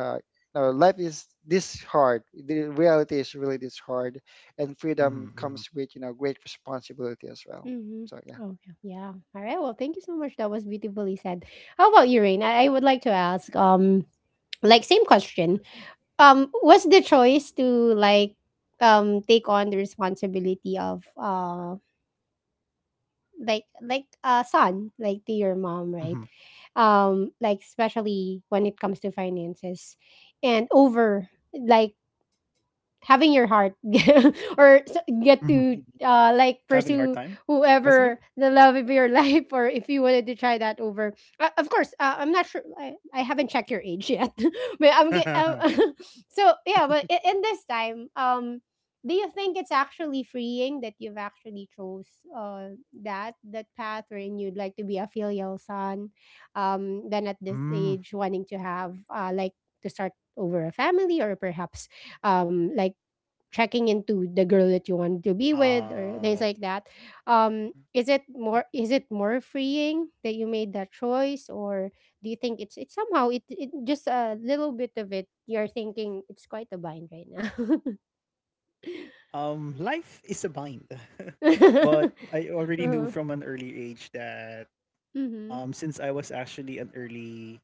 uh, no, life is this hard, the reality is really this hard, and freedom Mhm, comes mhm, with, you know, great responsibility as well, mhm. so yeah. Oh, yeah. Yeah. Alright, well, thank you so much. That was beautifully said. How about you, Rain? I, I would like to ask, um, like same question. Um, was the choice to like um take on the responsibility of uh like like a son like to your mom, right? mhm, um Like especially when it comes to finances and over like having your heart or s- mhm. get to Mm, uh like Having a hard pursue time because of it? whoever the love of your life, or if you wanted to try that over. Uh, of course, uh, I'm not sure, I, I haven't checked your age yet but I'm get um, so yeah but i- in this time um do you think it's actually freeing that you've actually chose uh that that path wherein you'd like to be a filial son, um then at this Mm. age wanting to have uh like to start over a family, or perhaps um like checking into the girl that you want to be with or things Um, like that. Um is it more, is it more freeing that you made that choice, or do you think it's it's somehow it, it just a little bit of it you're thinking it's quite a bind right now. um, life is a bind, but I already knew from mm. uh, an early age that mm-hmm, um, since I was actually an early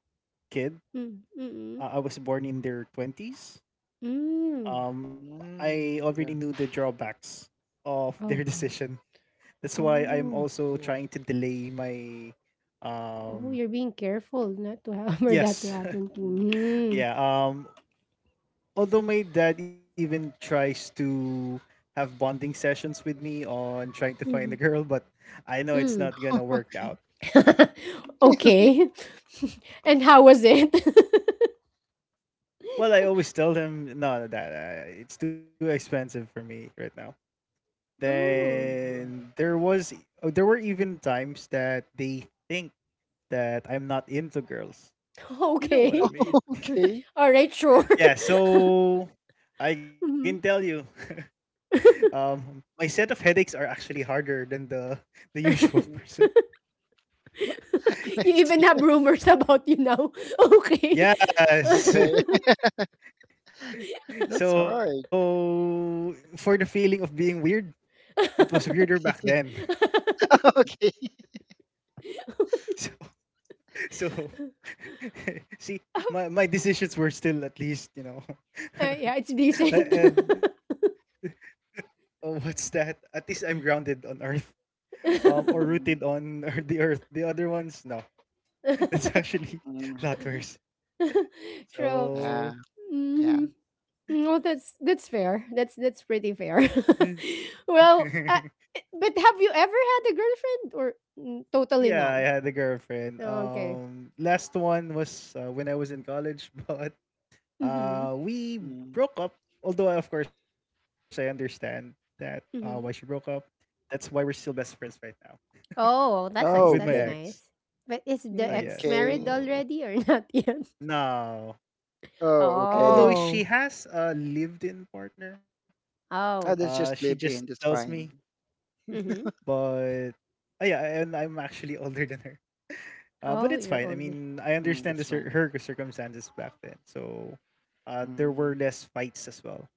kid, mm, mm-mm, uh, I was born in their twenties. mm. Um, Mm, I already yeah. knew the drawbacks of Oh their mm. decision. That's why I'm Oh, also Cool. trying to delay my, oh um, you're being careful not to have for that to yes, happen to Mm. you. Mm. yeah. Um. Although my dad even tries to have bonding sessions with me on trying to find a Mm-hmm. girl, but I know it's Mm. not gonna work out. Okay. And how was it? Well, I always tell him, no, that uh, it's too expensive for me right now. Mm, Mm. Then there was, oh, there were even times that they think that I'm not into girls. You know what I Okay. mean? okay. All right, sure. Yeah. So I can tell Mhm. you, um, my set of headaches are actually harder than the the usual person. You even have rumors about you now. Okay. Yes. Okay, that's hard. So for the feeling of being weird, it was weirder back then. Okay. So so see, my my decisions were still at least, you know. Uh, yeah, it's decent. Mm, And oh, what's that? At least I'm grounded on earth. Um or rooted mm, on the earth. The other ones, no. That's actually mm. a lot worse. True. Yeah, So yeah. Hmm. Well, that's that's fair. That's that's pretty fair. Well, uh, but have you ever had a girlfriend, or mm, totally yeah, I none? had a girlfriend. Okay. Um, last one was uh, when I was in college, but Mhm. uh we Mm. broke up, although of course I understand that uh why she broke up. Mhm. That's why we're still best friends right now Oh, that's with my nice, Oh, that's okay. ex. nice. But is uh the Mm, Yes. ex okay. married So already or not yet? no. Oh, Al- although okay. she Oh. has a lived in partner, I Oh. uh just she just just live in. tells That's me, fine. Mhm. but uh, yeah, and I'm actually older than her. Uh but Oh, it's you're fine, I older. mean I Mm, understand that's the fine. cir- her circumstances back then, so uh there were Mm, less fights as well.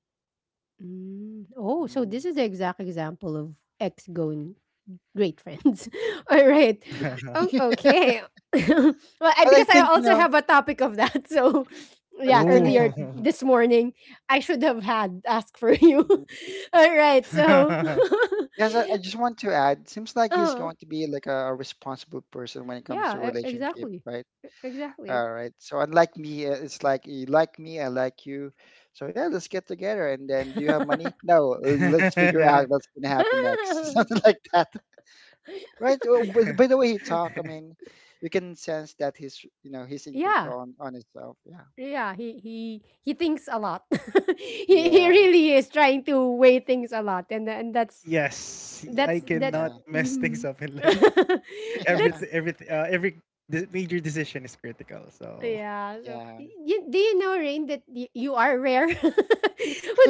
Mm. Mm. Oh, so mm. this is the exact example of ex going great friends. All right. Oh, okay. Well, I, But I because I think, you also know, have a topic of that. So, but yeah, you think Ooh. I, earlier this morning, I should have had asked for you. mm, All right. So, yes, I, I just want to add, seems like he's oh. going to be like a, a responsible person when it comes to Yeah, e relationship, exactly. right? E Exactly. All right. So unlike me, uh, it's like you like me, I like you. So yeah, let's get together. And then, do you have money? No. uh, Let's figure out what's gonna happen next. Something like that, right? Oh, by, the- by the way he talk, I mean, you can sense that he's, you know, he's in Yeah. control on, on himself. Yeah. Yeah, he he he thinks a lot. He he Yeah. really is trying to weigh things a lot and and that's Yes, I that's Mm, that's cannot yeah. mess things mhm. up in life. Every That's every uh, every de- major decision is critical. So yeah, so Yeah. y- you, do you know, Rain, that y you are rare with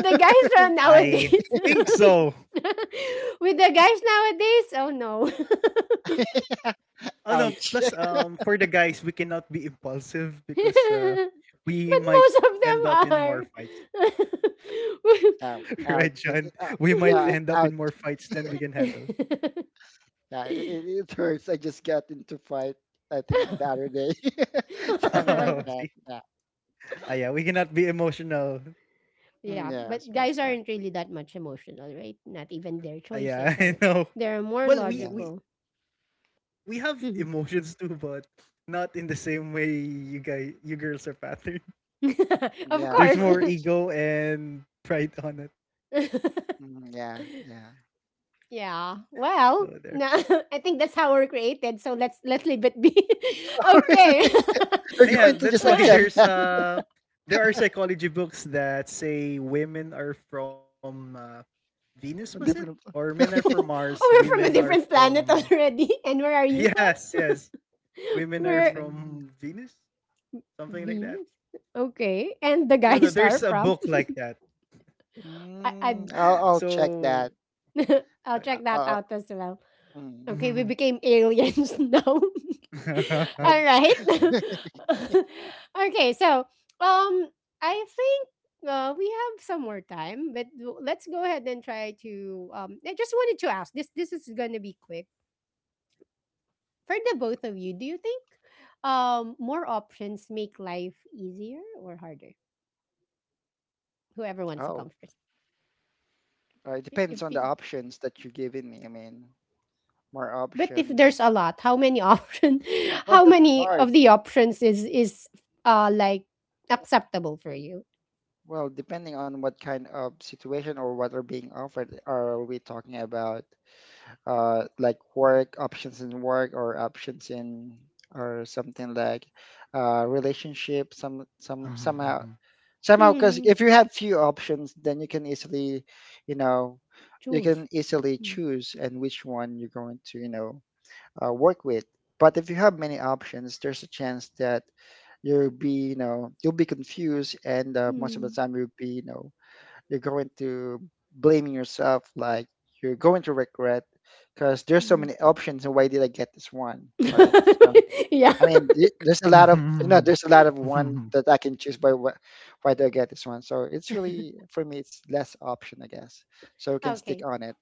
the guys around I think nowadays? so. With the guys nowadays? Oh no. Oh no! Plus, Ouch. um, for the guys, we cannot be impulsive because uh, we But might most of them end up in are. more fights, Ow. right, John? Ouch. It, We it, uh, might end up in yeah. more Ouch. fights than we can handle. Yeah. It, it it hurts. I just got into fight. I think the other day, something Oh, like see, that. Yeah. ah, yeah, we cannot be emotional. Mm, Yeah, but yes. Well. guys Yeah. aren't really that much emotional, right? Not Ah, even their yeah, I choices are. know. They're Well, more we we Yeah. logical. we have Mhm. emotions too, but not in the same way you guys you girls are patterned. Of Yeah, of There's course. more course. ego and pride on it. Mm, yeah, yeah. Yeah. So Well, there. no, I think that's how we're created. So let's let's leave it be. Ah, You're yeah, going to that's just why accept Okay. there's that uh there are psychology books that say women are from uh, Venus, was it? from different Or pla- men are from Mars, Oh, we're women from a are different planet from already. And where are you from? Yes, yes. Women are We're Mm, from Venus? Something like that. Venus. Okay. And the No, no, guys there's are a from? book like that. I, I, mm, I'll I'll So check that. okay. I'll check that Uh, out as well. mm, Okay, we became aliens now. uh, All right. Yeah. Okay, so um, I think uh, we have some more time, but w- let's go ahead and try to. Um, I just wanted to ask this. This is gonna be quick for the both of you, do you think um more options make life easier or harder? Whoever wants to oh, come first. uh, it I- If depends on the we, options that you're giving me. I mean, more but if there's options. a lot, how many option Well, how that's many hard. of the options is is uh like acceptable for you? Well, depending on what kind of situation or what are being offered, are we talking about uh, like work options in work or options in or something like uh, relationship, some some somehow, Mhm, somehow, because Hmm. if you have few options then you can easily, you know, you Choose. can easily Mm, choose and which one you're going to, you know, uh, work with. But if you have many options there's a chance that you'll be, you know, you'll be confused, and uh, most of the mm, time you'll be, you know, you're going to blaming yourself, like you're going to regret because there's so mm. many options and why did I get this one, right? So Yeah. I mean th- there's a lot of, you know, there's a mhm. lot of one that I can choose by what, why do I get this one, so it's really, for me, it's less option, I guess, so we can stick Okay. on it.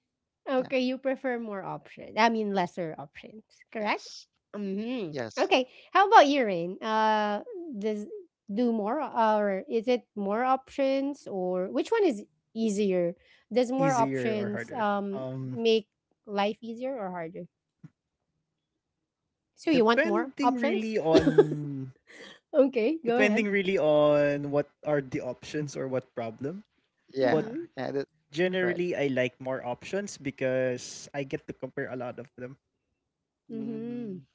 Yeah. Okay, you prefer more options. I mean, lesser options, correct? Yes. Mm-hmm. Yes. Okay. How about you, Rain? Uh, does do more, or is it more options, or which one is easier? Does Easier more or harder? options Um, um make life easier or harder? So you want more depending really options? on Okay, go ahead. Depending really on what are the options or what problem. Yeah. But Mm-mm. Yeah, that, generally, I like correct. more options because I get to compare a lot of them, Mm-hmm. Mm,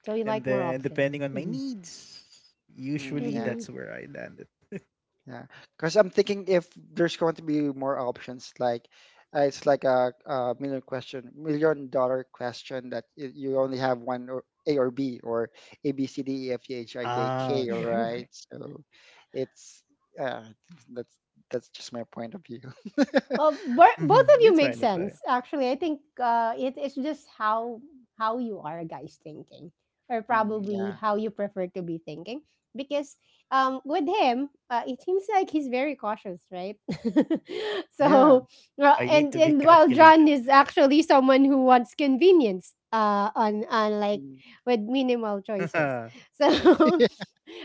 So you and like more then options. depending on my Mm-hmm. needs, mm, usually yeah. Mm-hmm. that's where I landed. Yeah, because I'm thinking if there's going to be more options, like uh, it's like a, a million question, million dollar question that y- you only have one or A or B or A B C D E F G H I J Ah, K, all okay, right? okay. So it's uh, that's that's just my point of view. Well, Hmm, it's bo- fine. both It's of fine. you make sense. Actually, I think uh, it, it's just how how you are, guys, thinking, or Mm, probably yeah, how you prefer to be thinking. Because um, with him, uh, it seems like he's very cautious, right? yeah, So, well, I need and to be and while John calculated. is actually someone who wants convenience, uh, on on like mm, with minimal choices. Yeah. So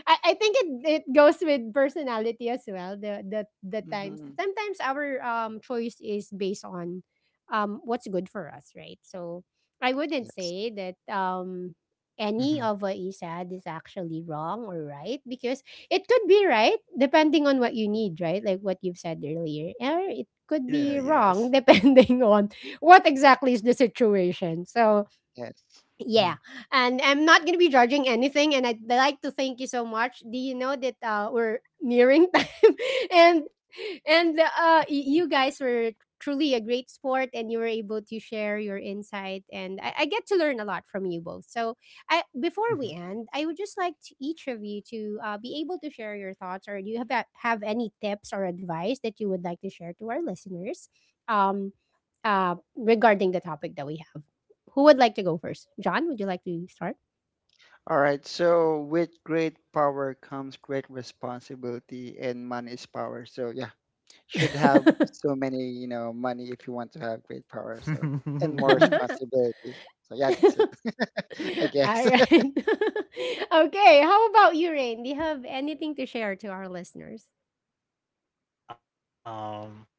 I, I think it, it goes with personality as well. The the the times mhm, sometimes our um choice is based on um what's good for us, right? So I wouldn't yes, say that um any of what you said is actually wrong or right, because it could be right depending on what you need, right? Like what you've said earlier. Or it could be mhm, Yes. wrong depending on what exactly is the situation. So yes. Hmm. yeah, and I'm not gonna be judging anything, and I'd like to thank you so much. Do you know that uh, we're nearing time, and and uh, y- you guys were truly a great sport, and you were able to share your insight, and I, I get to learn a lot from you both. So, I before we end, I would just like to each of you to uh, be able to share your thoughts, or do you have a- have any tips or advice that you would like to share to our listeners, um, uh, regarding the topic that we have. Who would like to go first? John, would you like to start? All right, so with great power comes great responsibility, and money is power. So yeah, should have so many, you know, money if you want to have great power. So and more responsibility. So yeah, that's it. I guess. All right. Okay. How about you, Rain? Do you have anything to share to our listeners? um,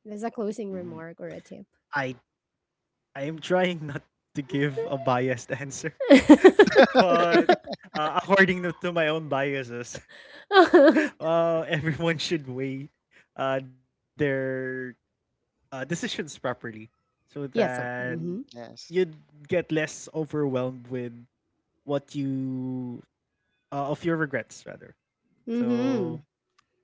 There's a closing remark or a I tip. I am trying not to give a biased answer, but uh, according to to my own biases, uh, everyone should weigh uh, their uh, decisions properly so Yes. that Mm, Mm-hmm. yes. you'd get less overwhelmed with what you uh, of your regrets rather. Mm-hmm. Mhm. So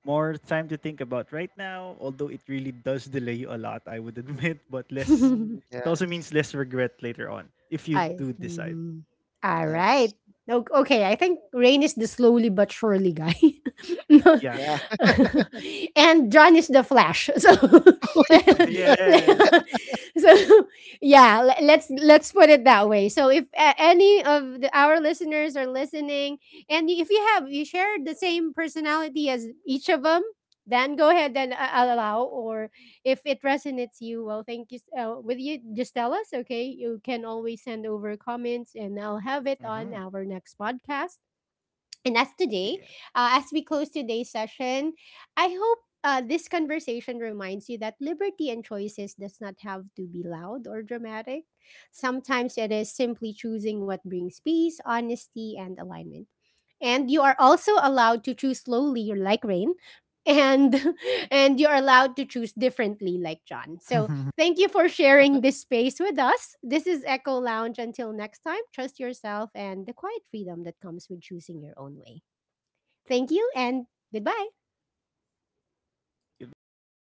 more time to think about right now, although it really does delay you a lot, I would admit, but less, Mm, it also yes. means less regret later on if you I, do decide. mhm. Yes. Alright. O okay, I think Rain is the slowly but surely guy. No. Yeah. Yeah. And John is the Flash. So Wait, Yes. so yeah, le let's let's put it that way. So if a any of the our listeners are listening, and if you have you share the same personality as each of them, then go ahead and a allow or if it resonates you well thank you s- uh, with you just tell us okay you can always send over comments and I'll have it on Hmm. our next podcast and as today, Yeah. uh, as we close today's session, I hope uh, this conversation reminds you that liberty and choices does not have to be loud or dramatic. Sometimes it is simply choosing what brings peace, honesty, and alignment. And you are also allowed to choose slowly, like Rain, and and you are allowed to choose differently, like John. So thank you for sharing this space with us. This is Echo Lounge. Until next time, trust yourself and the quiet freedom that comes with choosing your own way. Thank you and goodbye. Goodbye, guys.